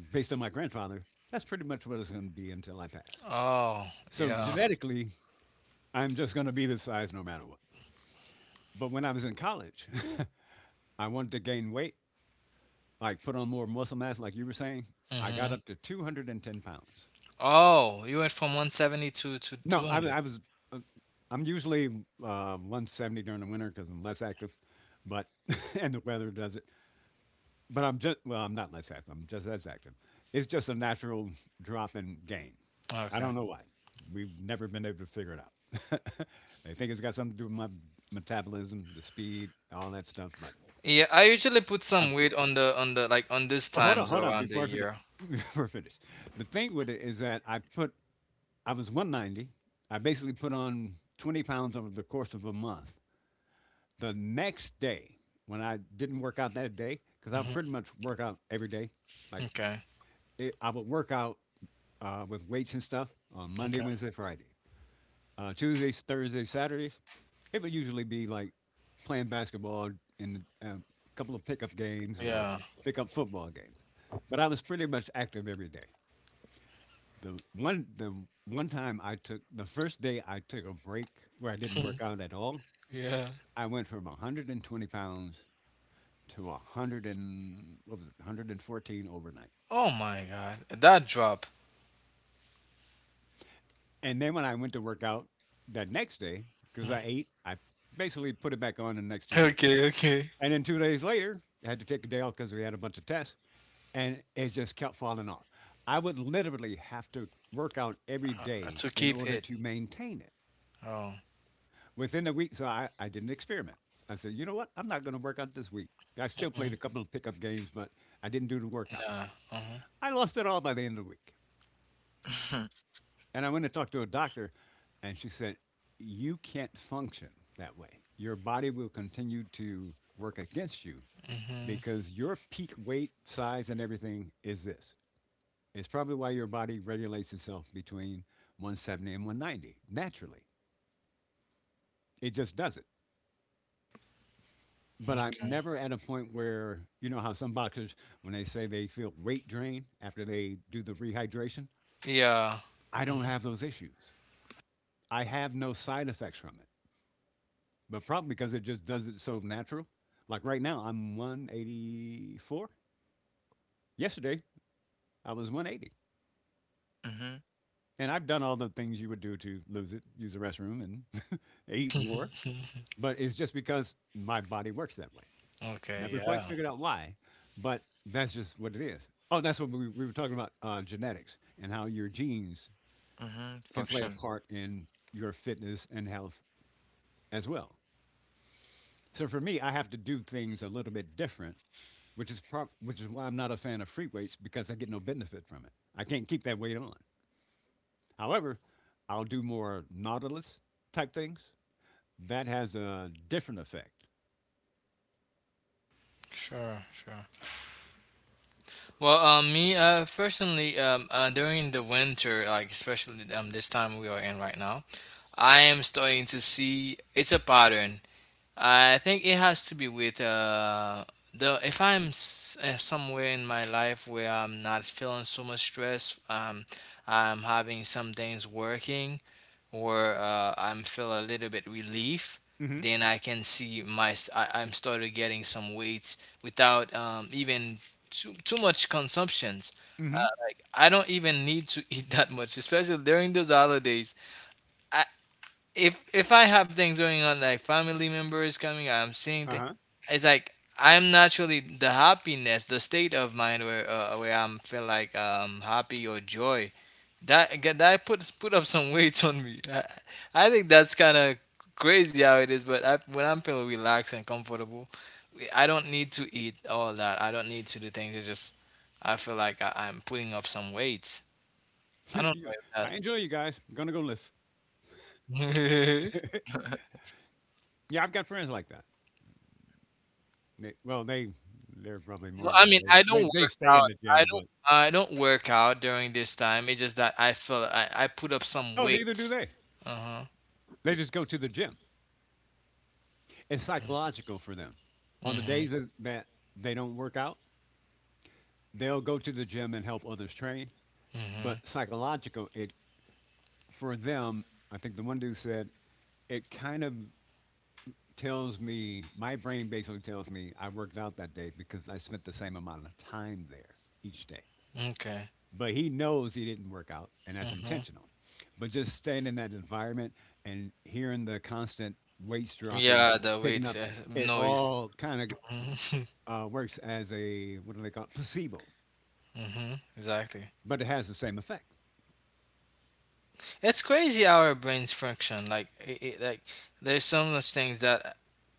S2: based on my grandfather, that's pretty much what it's going to be until I pass.
S3: Oh,
S2: So
S3: yeah.
S2: genetically, I'm just going to be this size no matter what. But when I was in college, I wanted to gain weight, like put on more muscle mass, like you were saying. I got
S3: hmm
S2: up to 210 pounds.
S3: Oh, you went from 170 to
S2: No,
S3: 200.
S2: I was, uh, I'm usually 170 during the winter because I'm less active, but, and the weather does it. But I'm just well, I'm not less active. I'm just as active. It's just a natural drop in gain. I
S3: Okay.
S2: don't know why. We've never been able to figure it out. I think it's got something to do with my metabolism, the speed, all that stuff. But
S3: Yeah, I usually put some
S2: I'm
S3: weight
S2: cool.
S3: on the like on these
S2: But hold on,
S3: times
S2: hold on.
S3: around the
S2: Before I forget,
S3: year.
S2: before I finish, the thing with it is that I was 190. I basically put on 20 pounds over the course of a month. The next day, when I didn't work out that day, because I would pretty
S3: Hmm.
S2: much work out every day, like
S3: Okay.
S2: I would work out with weights and stuff on Monday,
S3: Okay.
S2: Wednesday, Friday. Tuesdays, Thursdays, Saturdays, it would usually be like playing basketball and a couple of pickup games or
S3: Yeah.
S2: pickup football games. But I was pretty much active every day. The one time I took the first day I took a break where I didn't work out at all.
S3: Yeah.
S2: I went from 120 pounds to 100 and what was it 114 overnight.
S3: Oh my God, that drop.
S2: And then when I went to work out that next day, because
S3: Mhm.
S2: I ate, I basically put it back on the next 2 days.
S3: Okay, okay.
S2: And then 2 days later, I had to take a day off because we had a bunch of tests, and it just kept falling off. I would literally have to work out every day
S3: To
S2: in
S3: keep
S2: order
S3: it.
S2: to maintain it.
S3: Oh.
S2: Within the week, so I did an experiment. I said, you know what? I'm not going to work out this week. I still
S3: Hmm.
S2: played a couple of pickup games, but I didn't do the workouts.
S3: Nah. Uh-huh.
S2: I lost it all by the end of the week. And I went to talk to a doctor, and she said, you can't function that way. Your body will continue to work against you
S3: Hmm.
S2: because your peak weight, size, and everything is this. It's probably why your body regulates itself between 170 and 190 naturally. It just does it. But I'm
S3: Okay.
S2: never at a point where, you know, how some boxers, when they say they feel weight drain after they do the rehydration,
S3: Yeah.
S2: I don't
S3: Mhm.
S2: have those issues. I have no side effects from it, but probably because it just does it so natural. Like right now, I'm 184. Yesterday, I was 180.
S1: Mm-hmm.
S2: And I've done all the things you would do to lose it, use the restroom and eat more. But it's just because my body works that way.
S3: Okay,
S2: Never quite
S3: yeah.
S2: figured out why, but that's just what it is. Oh, that's what we were talking about genetics and how your genes
S1: Mm-hmm.
S2: can play a
S1: Function.
S2: part in your fitness and health as well. So for me, I have to do things a little bit different which is why I'm not a fan of free weights because I get no benefit from it. I can't keep that weight on. However, I'll do more Nautilus type things. That has a different effect.
S3: Sure, sure. Well, me, personally, during the winter, like especially, this time we are in right now, I am starting to see it's a pattern. I think it has to be with, the if I'm somewhere in my life where I'm not feeling so much stress, I'm having some things working. Or I'm feel a little bit relief,
S2: Mm-hmm.
S3: then I can see I am started getting some weight without, even too much consumptions. Uh,
S2: Mm-hmm.
S3: like I don't even need to eat that much, especially during those holidays. I if I have things going on, like family members coming, I'm seeing things.
S2: Uh-huh.
S3: It's like I'm naturally the happiness, the state of mind where, where I'm feel like, happy or joy, that again, that put up some weight on me. I think that's kind of crazy how it is. But when I'm feeling relaxed and comfortable, I don't need to eat all that. I don't need to do things. It's just I feel like I'm putting up some weight. I don't know
S2: Yeah.
S3: if that.
S2: I enjoy you guys. I'm gonna go lift. Yeah, I've got friends like that. They, well, they they're probably
S3: No,
S2: more than
S3: I
S2: that.
S3: mean, I
S2: They,
S3: don't
S2: they they
S3: work
S2: stay in
S3: out.
S2: the
S3: I
S2: gym, but
S3: don't. I don't work out during this time. It's just that I feel I put up some
S2: oh, neither do
S3: weight.
S2: they.
S3: Uh huh.
S2: They just go to the gym. It's psychological for them. On the days
S3: Mhm.
S2: that they don't work out, they'll go to the gym and help others train.
S3: Mhm.
S2: But psychological. It For them, I think the one dude said it kind of tells me my brain basically tells me I worked out that day because I spent the same amount of time there each day.
S3: Okay.
S2: But he knows he didn't work out, and that's
S3: Mhm.
S2: intentional. But just staying in that environment and hearing the constant weights dropping,
S3: Yeah, the
S2: picking
S3: weight,
S2: up, it
S3: noise.
S2: all kind of
S3: Mm-hmm.
S2: works as a, what do they call it, placebo,
S3: Exactly.
S2: but it has the same effect.
S3: It's crazy how our brains function. Like, there's some of those things that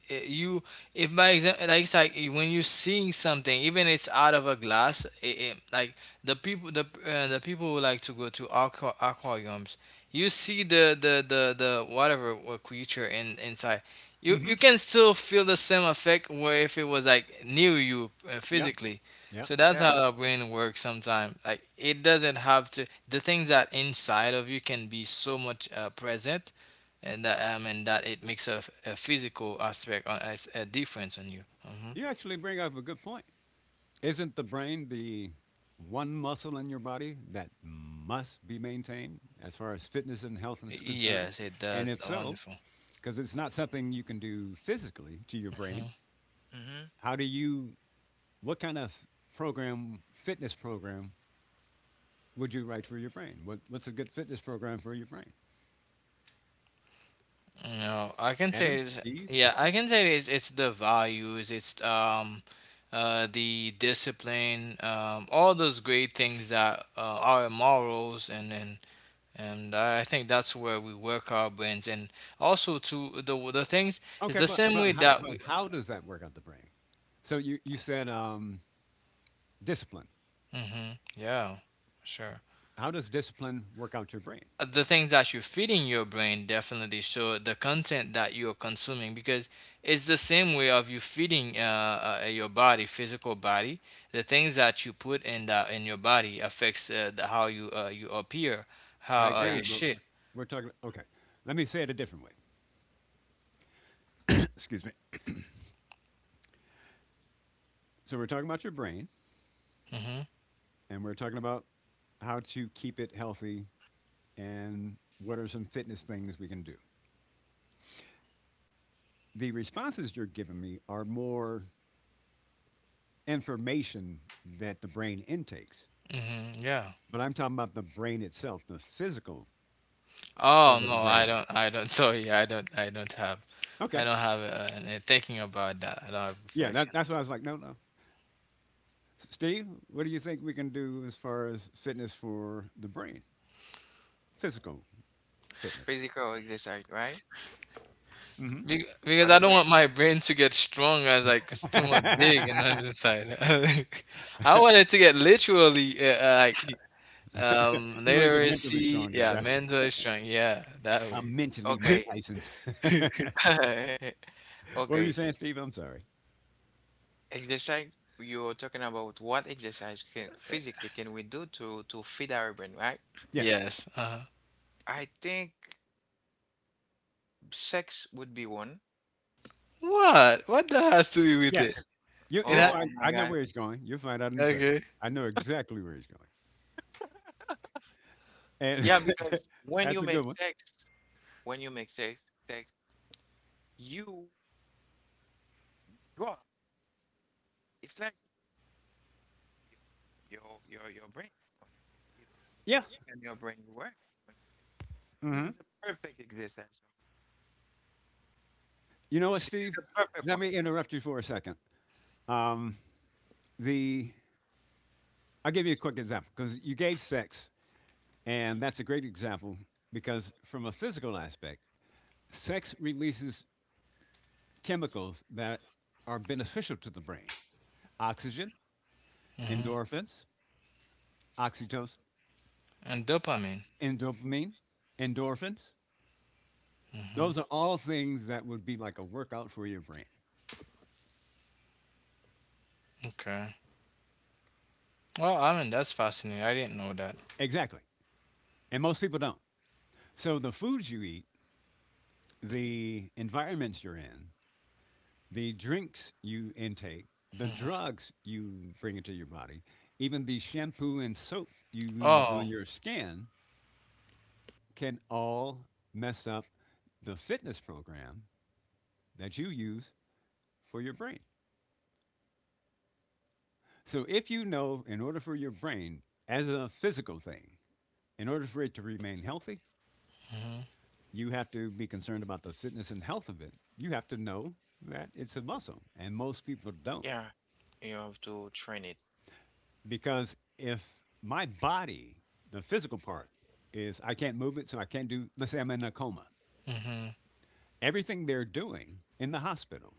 S3: you. If by example, like it's like when you're seeing something even it's out of a glass it, the people the people who like to go to aquariums, you see the whatever creature in inside. You
S2: Hmm.
S3: can still feel the same effect where if it was like near you
S2: Yep.
S3: physically.
S2: Yep.
S3: So that's
S1: Yeah.
S3: how our brain works sometimes, like it doesn't have to. The things that inside of you can be so much present, and that, I mean that it makes a physical aspect on, as a difference on you. Hmm.
S2: You actually bring up a good point. Isn't the brain the one muscle in your body that must be maintained as far as fitness and health is concerned?
S3: Yes, it
S2: And
S3: does.
S2: if so,
S3: Wonderful.
S2: because it's not something you can do physically to your
S3: Mhm.
S2: brain,
S1: Mm-hmm.
S2: how do you, what kind of program, fitness program would you write for your brain? What's a good fitness program for your brain?
S3: No, I can say
S2: Evan,
S3: is,
S2: Steve?
S3: yeah, I can say it's the values, it's the discipline, all those great things that are morals, and I think that's where we work our brains, and also to the things is
S2: Okay,
S3: the
S2: but,
S3: same way
S2: but, how,
S3: that
S2: but
S3: we.
S2: how does that work out the brain? So you said discipline.
S3: Hmm, yeah, sure.
S2: How does discipline work out your brain?
S3: The things that you're feeding your brain definitely show the content that you're consuming, because it's the same way of you feeding your body, physical body. The things that you put in the in your body affects how you appear,
S2: I
S3: how
S2: agree,
S3: you
S1: Yeah.
S2: but
S3: shape.
S2: we're talking. Okay, let me say it a different way. Excuse me. So we're talking about your brain,
S3: Hmm.
S2: and we're talking about how to keep it healthy, and what are some fitness things we can do. The responses you're giving me are more information that the brain intakes,
S3: Hmm, yeah.
S2: but I'm talking about the brain itself, the physical
S3: oh
S2: part of the
S3: no i
S2: brain.
S3: don't i don't sorry, I don't have, I
S2: Okay,
S3: don't have and thinking about that, I don't have
S2: yeah, that,
S3: reflection.
S2: that's why I was like, no, no. Steve, what do you think we can do as far as fitness for the brain, physical fitness?
S1: Physical exercise, right?
S3: Because
S1: For
S3: I
S1: the
S3: don't
S1: brain.
S3: want my brain to get strong as like it's too much dig
S2: You
S3: and on the side. I want it to get literally like
S2: want to get mentally
S3: literacy,
S2: stronger.
S3: yeah,
S2: Gotcha.
S3: mentally strong, yeah, that
S2: I'm mentally Mike
S3: way.
S1: Okay.
S2: Tyson. What were you
S1: Okay.
S2: saying, Steve? I'm sorry.
S1: Exercise, you're talking about what exercise can physically can we do to feed our brain, right?
S2: Yes.
S3: Yes. Uh-huh.
S1: I think sex would be one.
S3: What? What that has to do with it?
S2: Yes. You,
S3: It
S2: you'll
S3: ha-
S1: Oh
S2: find, I
S1: my
S2: know
S1: God.
S2: where he's going. You'll find I didn't say.
S3: okay.
S2: I know exactly where he's going. And
S1: Yeah, because when
S2: that's
S1: you
S2: a good
S1: make
S2: one.
S1: sex, when you make sex, sex, you drop. It's like your your brain, understand? It's
S2: Yeah.
S1: in your brain you work, understand? This
S2: Hmm.
S1: is the perfect exercise.
S2: You know what,
S1: This is
S2: Steve?
S1: the perfect
S2: Let
S1: one.
S2: me interrupt you for a second. Um, the I'll give you a quick example because you gave sex, and that's a great example because from a physical aspect, sex releases chemicals that are beneficial to the brain: oxygen,
S3: Hmm.
S2: endorphins, oxytocin,
S3: And dopamine.
S2: and dopamine, endorphins.
S3: Hmm.
S2: Those are all things that would be like a workout for your brain.
S3: Okay. Well, I mean that's fascinating. I didn't know that.
S2: Exactly. And most people don't. So the foods you eat, the environments you're in, the drinks you intake, the
S3: Hmm.
S2: drugs you bring into your body, even the shampoo and soap you use on
S3: Oh.
S2: your skin can all mess up the fitness program that you use for your brain. So if you know, in order for your brain, as a physical thing, in order for it to remain healthy,
S3: Hmm.
S2: you have to be concerned about the fitness and health of it. You have to know that it's a muscle, and most people don't.
S1: Yeah, you have to train it.
S2: Because if my body, the physical part, is, I can't move it, so I can't do, let's say I'm in a coma,
S3: Hmm.
S2: everything they're doing in the hospital,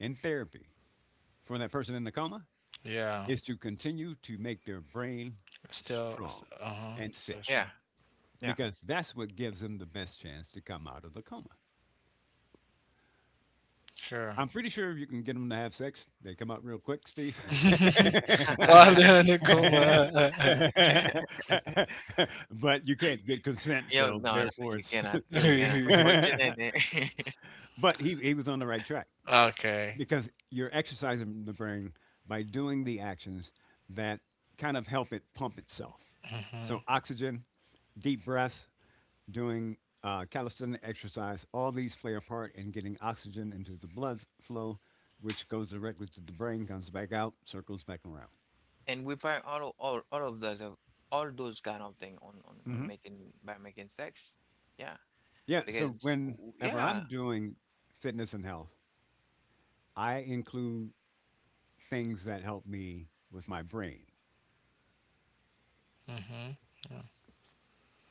S2: in therapy, for that person in the coma,
S3: Yeah.
S2: is to continue to make their brain
S3: Still.
S2: strong
S3: Uh huh.
S2: and fit,
S3: Still
S1: Yeah,
S3: strong.
S2: because that's what gives them the best chance to come out of the coma.
S3: Sure.
S2: I'm pretty sure if you can get them to have sex, they come out real quick, Steve.
S3: Wale
S1: yeah.
S3: Anakuma.
S2: But you can't get consent,
S1: Yo
S2: so
S1: no, no,
S2: therefore it's
S1: you
S2: illegal.
S1: cannot
S3: mhm.
S1: put it in there.
S2: But he was on the right track,
S3: Okay.
S2: because you're exercising the brain by doing the actions that kind of help it pump itself. So,
S3: Mhm.
S2: oxygen, deep breaths, doing calisthenic exercise, all these play a part in getting oxygen into the blood flow, which goes directly to the brain, comes back out, circles back around.
S1: And we find all of those of all those kind of thing on
S2: hmm
S1: making by making sex. Yeah,
S2: Yeah, so whenever I'm
S1: yeah.
S2: doing fitness and health, I include things that help me with my brain.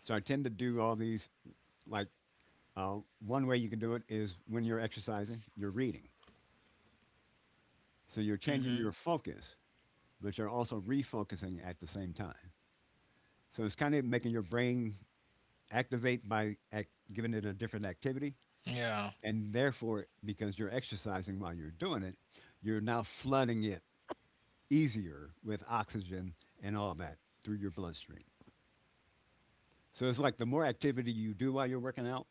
S2: So I tend to do all these, like, one way you can do it is when you're exercising, you're reading. So you're changing your
S1: Mm-hmm.
S2: focus, but you're also refocusing at the same time. So it's kind of making your brain activate by giving it a different activity.
S3: Yeah.
S2: And therefore, because you're exercising while you're doing it, you're now flooding it easier with oxygen and all that through your bloodstream. So it's like the more activity you do while you're working out,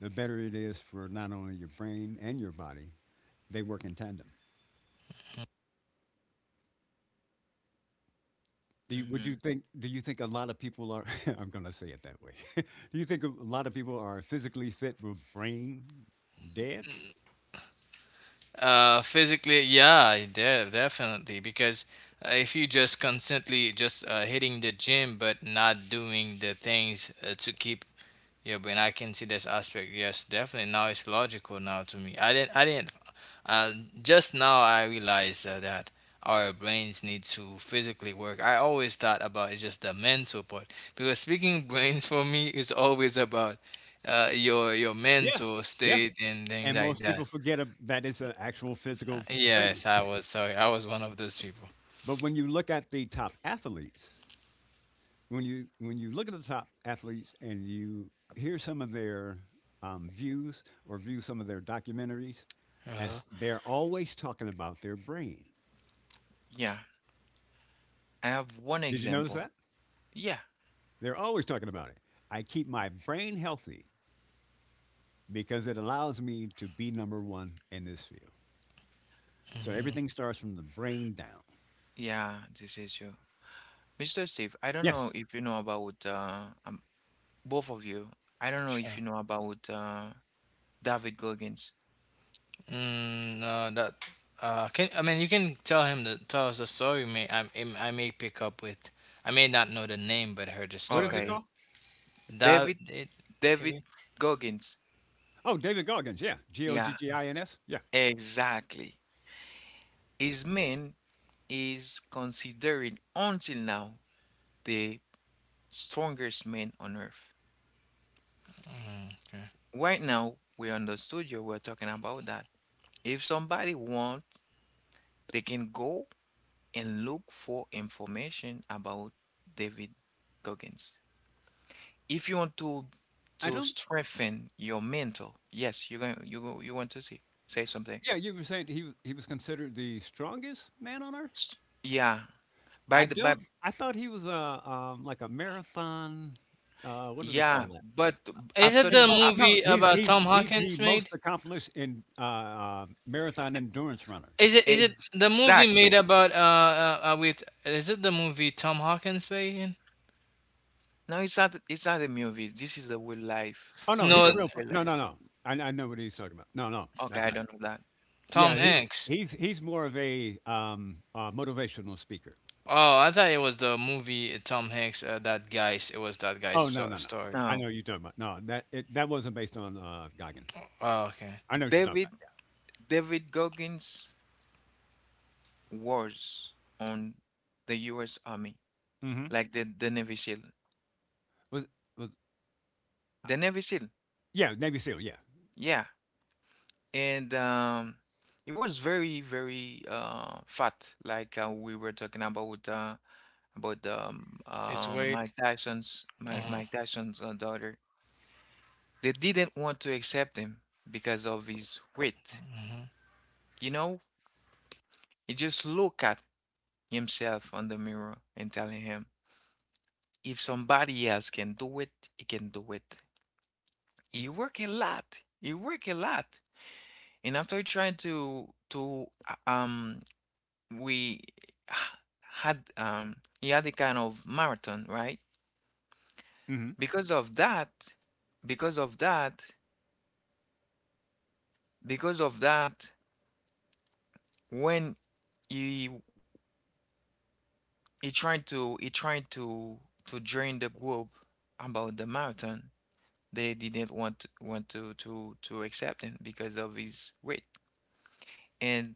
S2: the better it is for not only your brain and your body. They work in tandem. Would you
S1: Mm-hmm.
S2: think? Do you think a lot of people are? I'm going to say it that way. Do you think a lot of people are physically fit but brain dead?
S3: Physically, yeah, definitely. Because if you just constantly just hitting the gym but not doing the things to keep. Yeah, but I can see this aspect. Yes, definitely. Now it's logical now to me. I didn't. I didn't. Uh, just now I realized that our brains need to physically work. I always thought about it just the mental part, because speaking brains for me is always about your
S2: Yeah,
S3: mental
S2: yeah.
S3: state and things
S2: And
S3: like
S2: most
S3: that.
S2: people forget that it's an actual physical thing.
S3: Yes, I was sorry. I was one of those people.
S2: But when you look at the top athletes, when you look at the top athletes and you hear some of their views, or view some of their documentaries,
S3: Uh-huh.
S2: as they're always talking about their brain.
S1: Yeah. I have one
S2: Did you notice
S1: example.
S2: that?
S1: Yeah.
S2: They're always talking about it. I keep my brain healthy because it allows me to be number one in this field. So
S3: Hmm.
S2: everything starts from the brain down.
S1: Yeah, this is true. Mr. Steve, I don't know
S2: Yes.
S1: if you know about both of you. I don't know if
S3: Sure.
S1: you know about David Goggins.
S3: Mm, no, that can, I mean, you can tell him the tell us the story. I may pick up with, I may not know the name, but heard the
S2: What is
S3: story,
S2: it
S1: Okay.
S3: right?
S2: called?
S3: That
S1: David
S3: it, David.
S1: David Goggins.
S2: Oh, David Goggins. Yeah. G O G
S1: Yeah,
S2: G
S3: Oh,
S2: I N S. Yeah.
S1: exactly. Iceman is considered until now the strongest man on earth.
S3: okay.
S1: Right now, we're on the studio, we're talking about that. If somebody wants, they can go and look for information about David Goggins. If you want
S2: I
S1: to
S2: don't.
S1: strengthen your mental, yes, you're going you you want to see say something.
S2: Yeah, you were saying he was considered the strongest man on earth.
S1: S- Yeah, by
S2: I
S1: the by,
S2: don't. I thought he was a like a marathon. What do they
S1: yeah,
S2: call that?
S1: but
S3: Is
S1: after
S3: it
S2: And,
S3: the
S1: the
S2: oh no,
S3: movie
S2: he's
S3: about
S2: he's
S3: Tom
S2: he's the
S3: Hawkins
S2: most
S3: made?
S2: accomplished in marathon endurance runner.
S3: Is it the movie made
S1: exactly.
S3: about with, is it the movie Tom Hawkins made in?
S1: No, it's not a movie. This is a real life.
S2: Oh no,
S1: This is
S2: he's
S3: No,
S2: a
S1: a
S2: real.
S1: real
S2: No,
S1: life.
S2: no, no. I know what he's talking about. No, no,
S1: Okay,
S2: that's
S1: I
S2: not it.
S1: don't know that.
S3: Tom
S2: Yeah, he's
S3: Hanks.
S2: he's he's more of a motivational speaker.
S3: Oh, I thought it was the movie Tom Hanks. That guy's
S2: Oh no, no, no.
S3: story.
S2: I know
S1: Now,
S2: what you're talking about. No, that wasn't based on Goggins.
S3: Oh, okay.
S2: I know what you're talking
S1: David David Goggins was on the US Army,
S2: about. Hmm
S1: like the Navy SEAL.
S2: Was was
S1: The Navy SEAL.
S2: Yeah, Navy SEAL. Yeah.
S1: Yeah. And he was very very fat like we were talking about
S3: It's wait.
S1: Mike Tyson's Mike, Mike Tyson's daughter. They didn't want to accept him because of his weight.
S3: Uh-huh.
S1: You know he just look at himself on the mirror and telling him, if somebody else can do it, he can do it. He work a lot. He work a lot. And after trying to we had he had a kind of marathon, right?
S2: Mhm.
S1: Because of that, because of that, because of that, when he he trying to join the group about the marathon, they didn't want to accept him because of his weight. And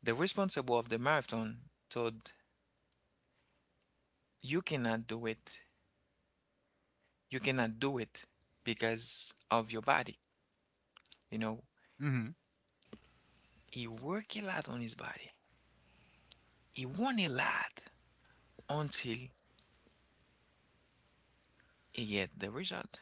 S1: the responsible of the marathon told, "You cannot do it. You cannot do it because of your body." You know,
S2: Mhm.
S1: he worked a lot on his body. He won a lot until he get the result.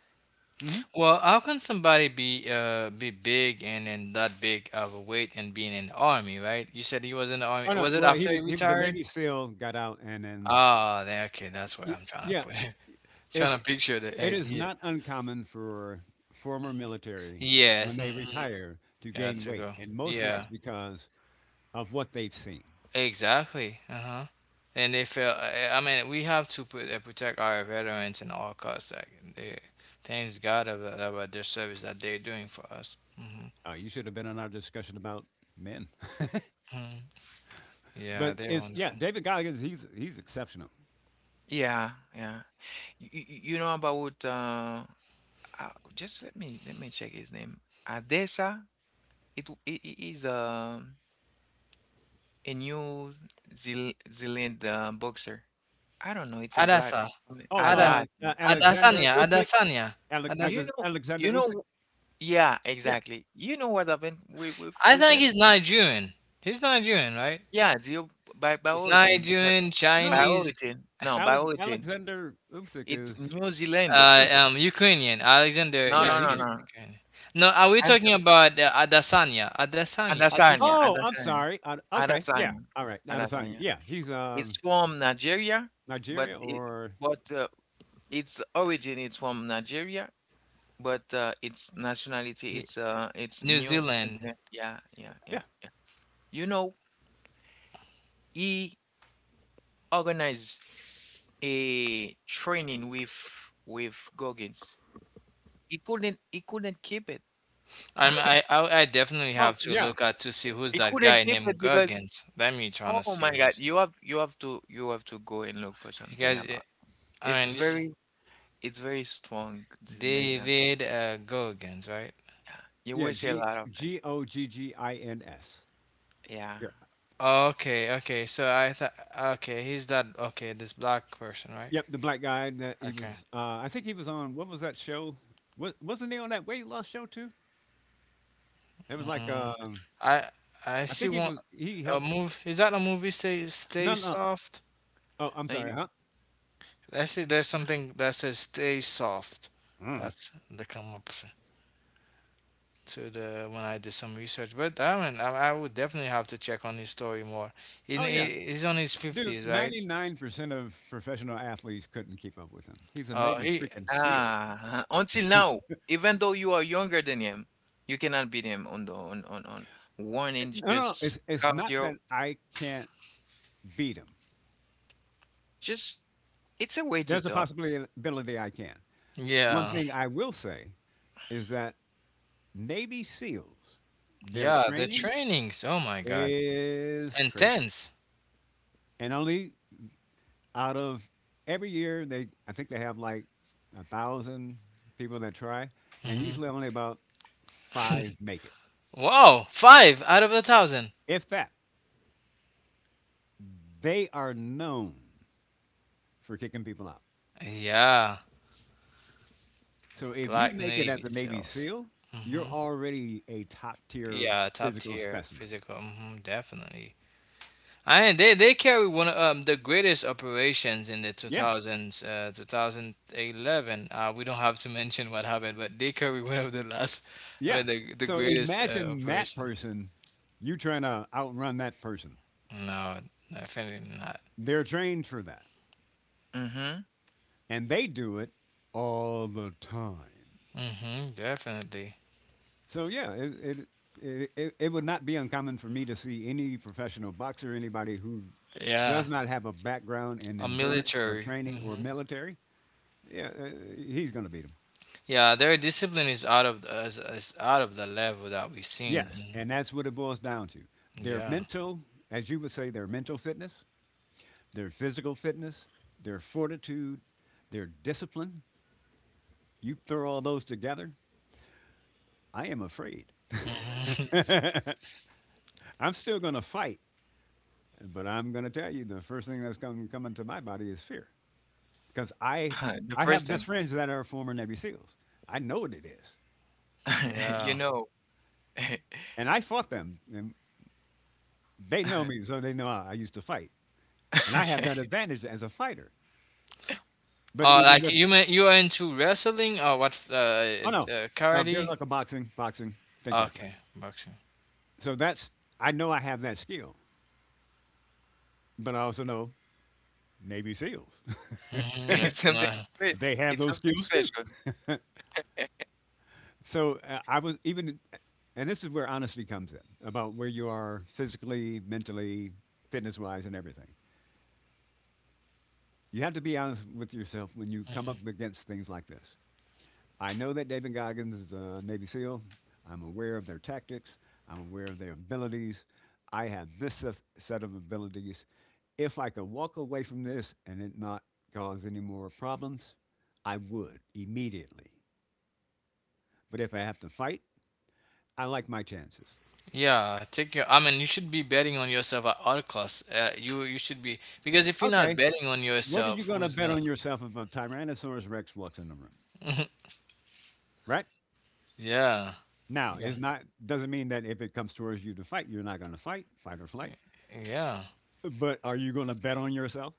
S2: Mhm.
S3: Well, how can somebody be big and that big of a weight and being in the army, right? You said he was in the army.
S2: Oh no.
S3: Was it
S2: Well, he
S3: after he
S2: was he was a
S3: retired?
S2: Navy SEAL, got out, and then
S3: Ah, then okay, that's where
S2: y-
S3: I'm trying to
S2: yeah.
S3: put it.
S2: If
S3: Trying to picture the
S2: it is
S3: idea.
S2: not uncommon for former military
S3: Yes.
S2: when they
S3: Hmm.
S2: retire to
S3: Yeah,
S2: gain
S3: to
S2: weight,
S3: go.
S2: and mostly it's
S3: Yeah,
S2: because of what they've seen.
S3: exactly. Uh-huh. And they feel, I mean, we have to put, protect our veterans in all costs. Like, they, thanks God about their service that they're doing for us. Hmm.
S2: You should have been on our discussion about men,
S3: Hmm. Yeah,
S2: but
S3: they're
S2: it's, yeah,
S3: wonderful.
S2: David Goggins, he's exceptional.
S1: Yeah, yeah. You know about uh, just let me check his name. Adesa. It is a. a New Zeal- Zealand boxer. I don't know. It's a black
S3: Adasa.
S2: Oh,
S3: Ada,
S1: Haddad.
S2: Alexander
S3: Adasanya.
S2: Usyk.
S3: Adasanya.
S2: Ale-
S1: You
S3: Adas
S2: Ale-
S1: know,
S2: Alexander
S1: you
S2: Usyk.
S1: know. Yeah,
S2: Yeah.
S1: exactly. You know what happened
S3: I
S1: with
S3: think
S1: him?
S3: he's Nigerian. He's Nigerian, right?
S1: Yeah, deal by
S3: He's
S1: origin, but
S3: Nigerian,
S1: by
S2: No.
S3: Chinese,
S1: origin. No, by
S2: Ale-
S1: origin.
S2: Alexander Usyk
S1: It's
S2: is
S1: New Zealander.
S2: Russian.
S3: Ukrainian. Alexander
S1: No,
S2: Yeah,
S1: no,
S3: Usyk
S1: no,
S2: he's
S3: is
S1: no.
S3: Ukrainian. No, are we
S1: And-
S3: talking about Adasanya? Adasanya. Adas
S1: Adesanya,
S2: oh, I'm
S1: Adesanya,
S2: sorry. I Okay, yeah,
S1: Adesanya,
S2: alright, Adesanya,
S1: Adesanya.
S2: yeah, he's
S1: It's from Nigeria, but
S2: Nigeria
S1: it
S2: or
S1: but its origin is from Nigeria, but its nationality,
S3: he-
S1: it's
S3: New
S1: new.
S3: Zealand.
S1: Okay. Yeah, yeah, yeah,
S2: yeah.
S1: yeah. You know, he organized a training with Goggins. He couldn't keep it.
S3: I'm, I definitely
S2: Oh,
S3: have to
S2: yeah,
S3: look at to see who's
S1: He
S3: that guy
S1: couldn't keep
S3: named
S1: it because,
S3: Goggins. Let me trying
S1: oh
S3: to see
S1: my God,
S3: who's.
S1: you have to go and look for
S3: You
S1: something
S3: guys,
S1: about.
S3: I
S1: It's
S3: mean, this
S1: very it's very strong. This man, man.
S3: David Goggins, right?
S1: Yeah, you
S2: yeah,
S1: will see a
S2: G
S1: lot of things.
S2: Goggins.
S1: Yeah.
S2: Yeah.
S3: Okay, okay. So I thought, okay, he's that, okay, this black person, right?
S2: Yep, the black guy that he
S3: Okay.
S2: was, I think he was on, what was that show? Wa wasn't he on that weight loss show too? That was like,
S3: Mm, I I
S2: I
S3: see
S2: think he
S3: one
S2: was he
S3: a
S2: helped,
S3: move. Is that a movie? Stay
S2: no, no.
S3: Soft.
S2: Oh, I'm
S1: Now you.
S2: sorry, huh?
S3: I see there's something that says Stay Soft.
S2: Uh.
S3: That's the come up to the when I did some research. But I mean, I would definitely have to check on his story more.
S2: Oh, yeah,
S3: He's on his
S2: dude,
S3: fifties, right?
S2: 99% of professional athletes couldn't keep up with him. He's a
S3: Oh,
S2: Navy
S3: he,
S2: freaking SEAL.
S1: Ah, until now, even though you are younger than him, you cannot beat him on the on one warning.
S2: No, no,
S1: Just
S2: it's not
S1: cardio.
S2: that I can't beat him.
S1: Just it's a way to
S2: There's a
S1: talk.
S2: possibility I can. One
S3: yeah,
S2: thing I will say is that Navy SEALs, their
S3: yeah. The
S2: training
S3: trainings. Oh my God,
S2: is crazy.
S3: intense.
S2: And only out of every year, they I think they have like 1,000 people that try, and
S3: Hmm.
S2: usually only about five make it,
S3: Wow, five out of a thousand.
S2: if that. They are known for kicking people out.
S3: Yeah,
S2: So if you
S3: Black
S2: make it as
S3: Navy
S2: a Navy
S3: SEALs.
S2: SEAL, you're
S3: Hmm,
S2: already a top tier
S3: yeah, top
S2: physical
S3: tier
S2: specimen.
S3: physical. Hmm, definitely. I they carry one of the greatest operations in the
S2: Yes,
S3: 2000s, 2011. We don't have to mention what happened, but they carry one of the last, I
S2: yeah.
S3: mean, the
S2: So
S3: greatest
S2: imagine that
S3: operation.
S2: person, you trying to outrun that person.
S3: No, definitely not.
S2: They're trained for that,
S1: Mm-hmm.
S2: and they do it all the time.
S3: Hmm, definitely.
S2: So yeah, it would not be uncommon for me to see any professional boxer, anybody who
S3: Yeah,
S2: does not have a background in
S3: a
S2: endurance or
S3: military.
S2: training
S3: Mm-hmm.
S2: or military. Yeah, he's going to beat him.
S3: Yeah, their discipline is out of is out of the level that we've seen.
S2: Yes,
S3: Mhm.
S2: and that's what it boils down to. Their
S3: Yeah.
S2: mental, as you would say, their mental fitness, their physical fitness, their fortitude, their discipline. You throw all those together, I am afraid.
S3: Hmm.
S2: I'm still going to fight, but I'm going to tell you the first thing that's coming to my body is fear, because I
S1: The
S2: I
S1: first
S2: have
S1: time,
S2: best friends that are former Navy SEALs. I know what it is,
S1: you
S3: yeah.
S1: know,
S2: and I fought them, and they know me, so they know I used to fight, and I have that advantage as a fighter. But even
S3: Like
S2: with,
S3: you mean you are into wrestling or what?
S2: oh no, bare
S3: Karate?
S2: knuckle boxing, boxing, things like that.
S3: Okay, boxing.
S2: So that's I know I have that skill, but I also know Navy SEALs.
S3: Hmm.
S1: it's
S3: It's
S1: something
S3: not.
S1: spe-
S2: They have
S1: it's
S2: those
S1: something
S2: skills too.
S1: special.
S2: So I was even, and this is where honesty comes in, about where you are physically, mentally, fitness wise, and everything. You have to be honest with yourself when you come
S3: Mhm.
S2: up against things like this. I know that David Goggins is a Navy SEAL. I'm aware of their tactics. I'm aware of their abilities. I have this set of abilities. If I could walk away from this and it not cause any more problems, I would immediately. But if I have to fight, I like my chances.
S3: Yeah, take your. I mean, you should be betting on yourself at all costs. You should be, because if you're not
S2: Okay,
S3: betting on
S2: what are you
S3: yourself,
S2: going to
S3: who's
S2: bet
S3: gonna?
S2: on yourself if a Tyrannosaurus Rex walks in the room? Right
S3: yeah.
S2: now,
S3: Yeah.
S2: it's not doesn't mean that if it comes towards you to fight, you're not going to fight, fight or flight.
S3: Yeah.
S2: But are you going to bet on yourself?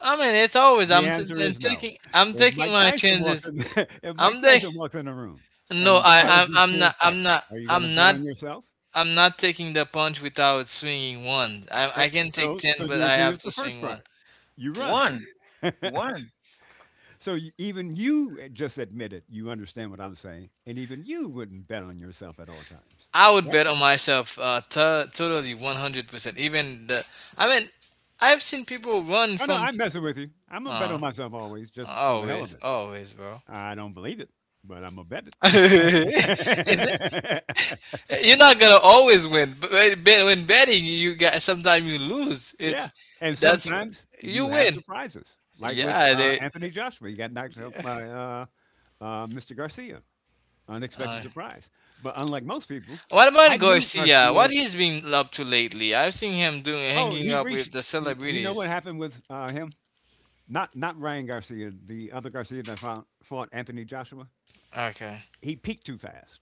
S3: I mean, it's always
S2: The
S3: I'm, t-
S2: answer
S3: I'm
S2: is no.
S3: taking I'm
S2: If
S3: taking
S2: Mike
S3: my
S2: Tyson walks
S3: chances.
S2: in, if Mike
S3: I'm taking
S2: Tyson walks in the room
S3: No,
S2: and
S3: I,
S2: challenges you
S3: I'm
S2: to a
S3: not, I'm
S2: fight,
S3: not,
S2: are you going to
S3: I'm
S2: bet
S3: not,
S2: on yourself?
S3: I'm not taking the punch without swinging one.
S2: Eh,
S3: I can take
S2: So,
S3: 10,
S2: so
S3: but
S2: you
S3: I
S2: agree
S3: have
S2: with
S3: to
S2: the first
S3: swing one.
S2: part. You run.
S1: One, one.
S2: So even you just admit it. You understand what I'm saying, and even you wouldn't bet on yourself at all times,
S3: I would
S2: right?
S3: bet on myself, to totally 100%. Even the, I mean, I've seen people run
S2: Oh no,
S3: from,
S2: I'm messing with you. I'm gonna bet
S3: uh,
S2: on myself always, just for the hell of
S3: always,
S2: it.
S3: always, bro.
S2: I don't believe it, but I'm gonna bet
S3: Is it?
S2: it.
S3: You're not gonna always win, but when betting, you got sometimes you lose.
S2: Yeah,
S3: It's
S2: and
S3: that's
S2: sometimes you
S3: you
S2: have
S3: win.
S2: surprises, like with
S3: Yeah, they.
S2: Anthony Joshua. You got knocked out by Mr. Garcia, unexpected surprise. But unlike most people,
S3: What about
S2: I knew
S3: Garcia?
S2: Garcia.
S3: What he's been up to lately? I've seen him doing
S2: Oh,
S3: hanging
S2: he
S3: up with
S2: reached.
S3: the
S2: You know what
S3: celebrities.
S2: happened with him? Not Ryan Garcia, the other Garcia that fought Anthony Joshua.
S3: Okay.
S2: He peaked too fast.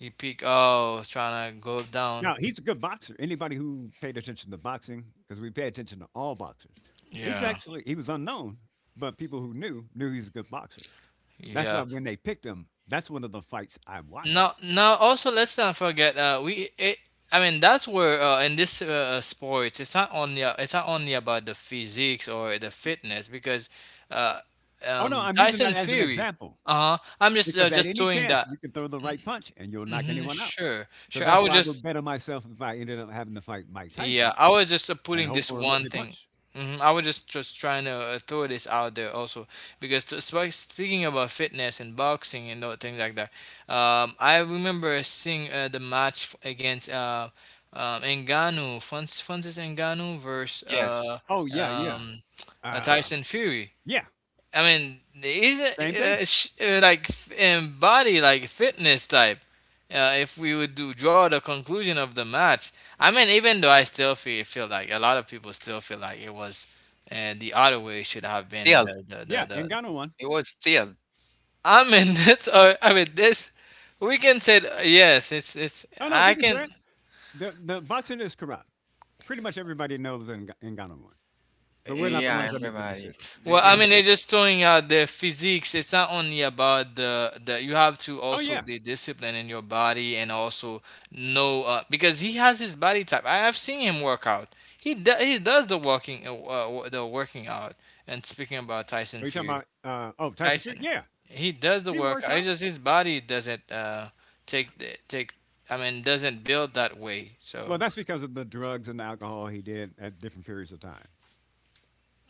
S3: He peak, oh, trying to go down.
S2: Now he's a good boxer. Anybody who paid attention to boxing, because we pay attention to all boxers,
S3: Yeah.
S2: he was unknown, but people who knew knew he's a good boxer. That's why
S3: Yeah.
S2: when they picked him, that's one of the fights I watched.
S3: Now also let's not forget I mean that's where in this sports it's not only about the physiques or the fitness, because uh
S2: Oh no, I'm using
S3: Tyson
S2: that as an
S3: Fury.
S2: example
S3: Uh-huh. I'm
S2: because at
S3: just
S2: any
S3: doing
S2: chance
S3: that.
S2: you can throw the right punch and you'll knock
S3: Mm-hmm,
S2: anyone out.
S3: sure,
S2: So
S3: sure, I
S2: that's
S3: was
S2: why I would
S3: just.
S2: better myself if I ended up having to fight Mike
S3: Yeah,
S2: Tyson
S3: I was just
S2: and
S3: putting
S2: hope
S3: this
S2: for a
S3: one
S2: lucky
S3: thing.
S2: punch.
S3: Hmm. I was just trying to throw this out there also, because speaking about fitness and boxing and things like that, I remember seeing the match against Ngannou, Francis Ngannou versus
S1: Yes,
S2: Oh yeah, yeah,
S3: um,
S2: uh,
S3: Tyson Fury.
S2: yeah.
S3: I mean, he's
S2: Same thing.
S3: like in body, like fitness type. If we would do draw the conclusion of the match, I mean, even though I still feel like a lot of people still feel like it was the other way, it should have been
S1: still
S2: Yeah,
S3: the.
S2: Ngannou won.
S1: it was still.
S3: I mean, that's I mean this. We can say yes. It's
S2: Oh no,
S3: I
S2: we can
S3: can.
S2: say it. The boxing is corrupt. Pretty much everybody knows Ngannou won, but we're not the ones
S1: Yeah,
S2: that make the
S1: everybody,
S2: decision.
S3: Well,
S1: this
S3: I
S2: This
S3: mean,
S1: is
S2: is,
S3: they're
S1: you,
S3: just throwing out their physiques. It's not only about the. You have to
S2: oh
S3: also
S2: yeah.
S3: be disciplined in your body and also know because he has his body type. I have seen him work out. He does the walking the working out. And speaking about Tyson
S2: Are you talking
S3: Fury,
S2: about oh, Tyson Fury?
S3: Tyson,
S2: Yeah,
S3: he does the
S2: he works
S3: workout. It's
S2: out.
S3: just his body doesn't take. I mean, doesn't build that way. So
S2: Well, that's because of the drugs and the alcohol he did at different periods of time.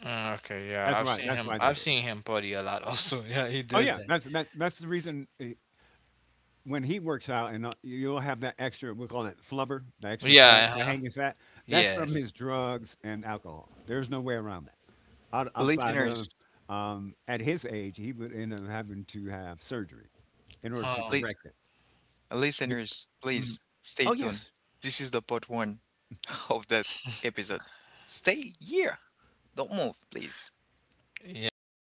S3: okay, yeah,
S2: That's
S3: I've
S2: why.
S3: seen
S2: That's
S3: him.
S2: why
S3: I've
S2: that
S3: seen
S2: is.
S3: him party a lot. Also, yeah, he
S2: Oh
S3: does
S2: yeah,
S3: that.
S2: that's the reason, when he works out, and you'll have that extra, we call it flubber, the extra fat,
S3: Yeah.
S2: the
S3: Uh-huh.
S2: hanging fat, that's from
S3: Yes.
S2: his drugs and alcohol, there's no way around that. Outside of
S1: listeners.
S2: at his age, he would end up having to have surgery in order to
S3: Oh,
S1: Listeners.
S2: correct it. Be-
S1: Listeners,
S2: mhm.
S1: please stay
S2: Oh
S1: tuned.
S2: yes.
S1: This is the part one of that episode. Stay here. Don't move, please.
S3: yeah. I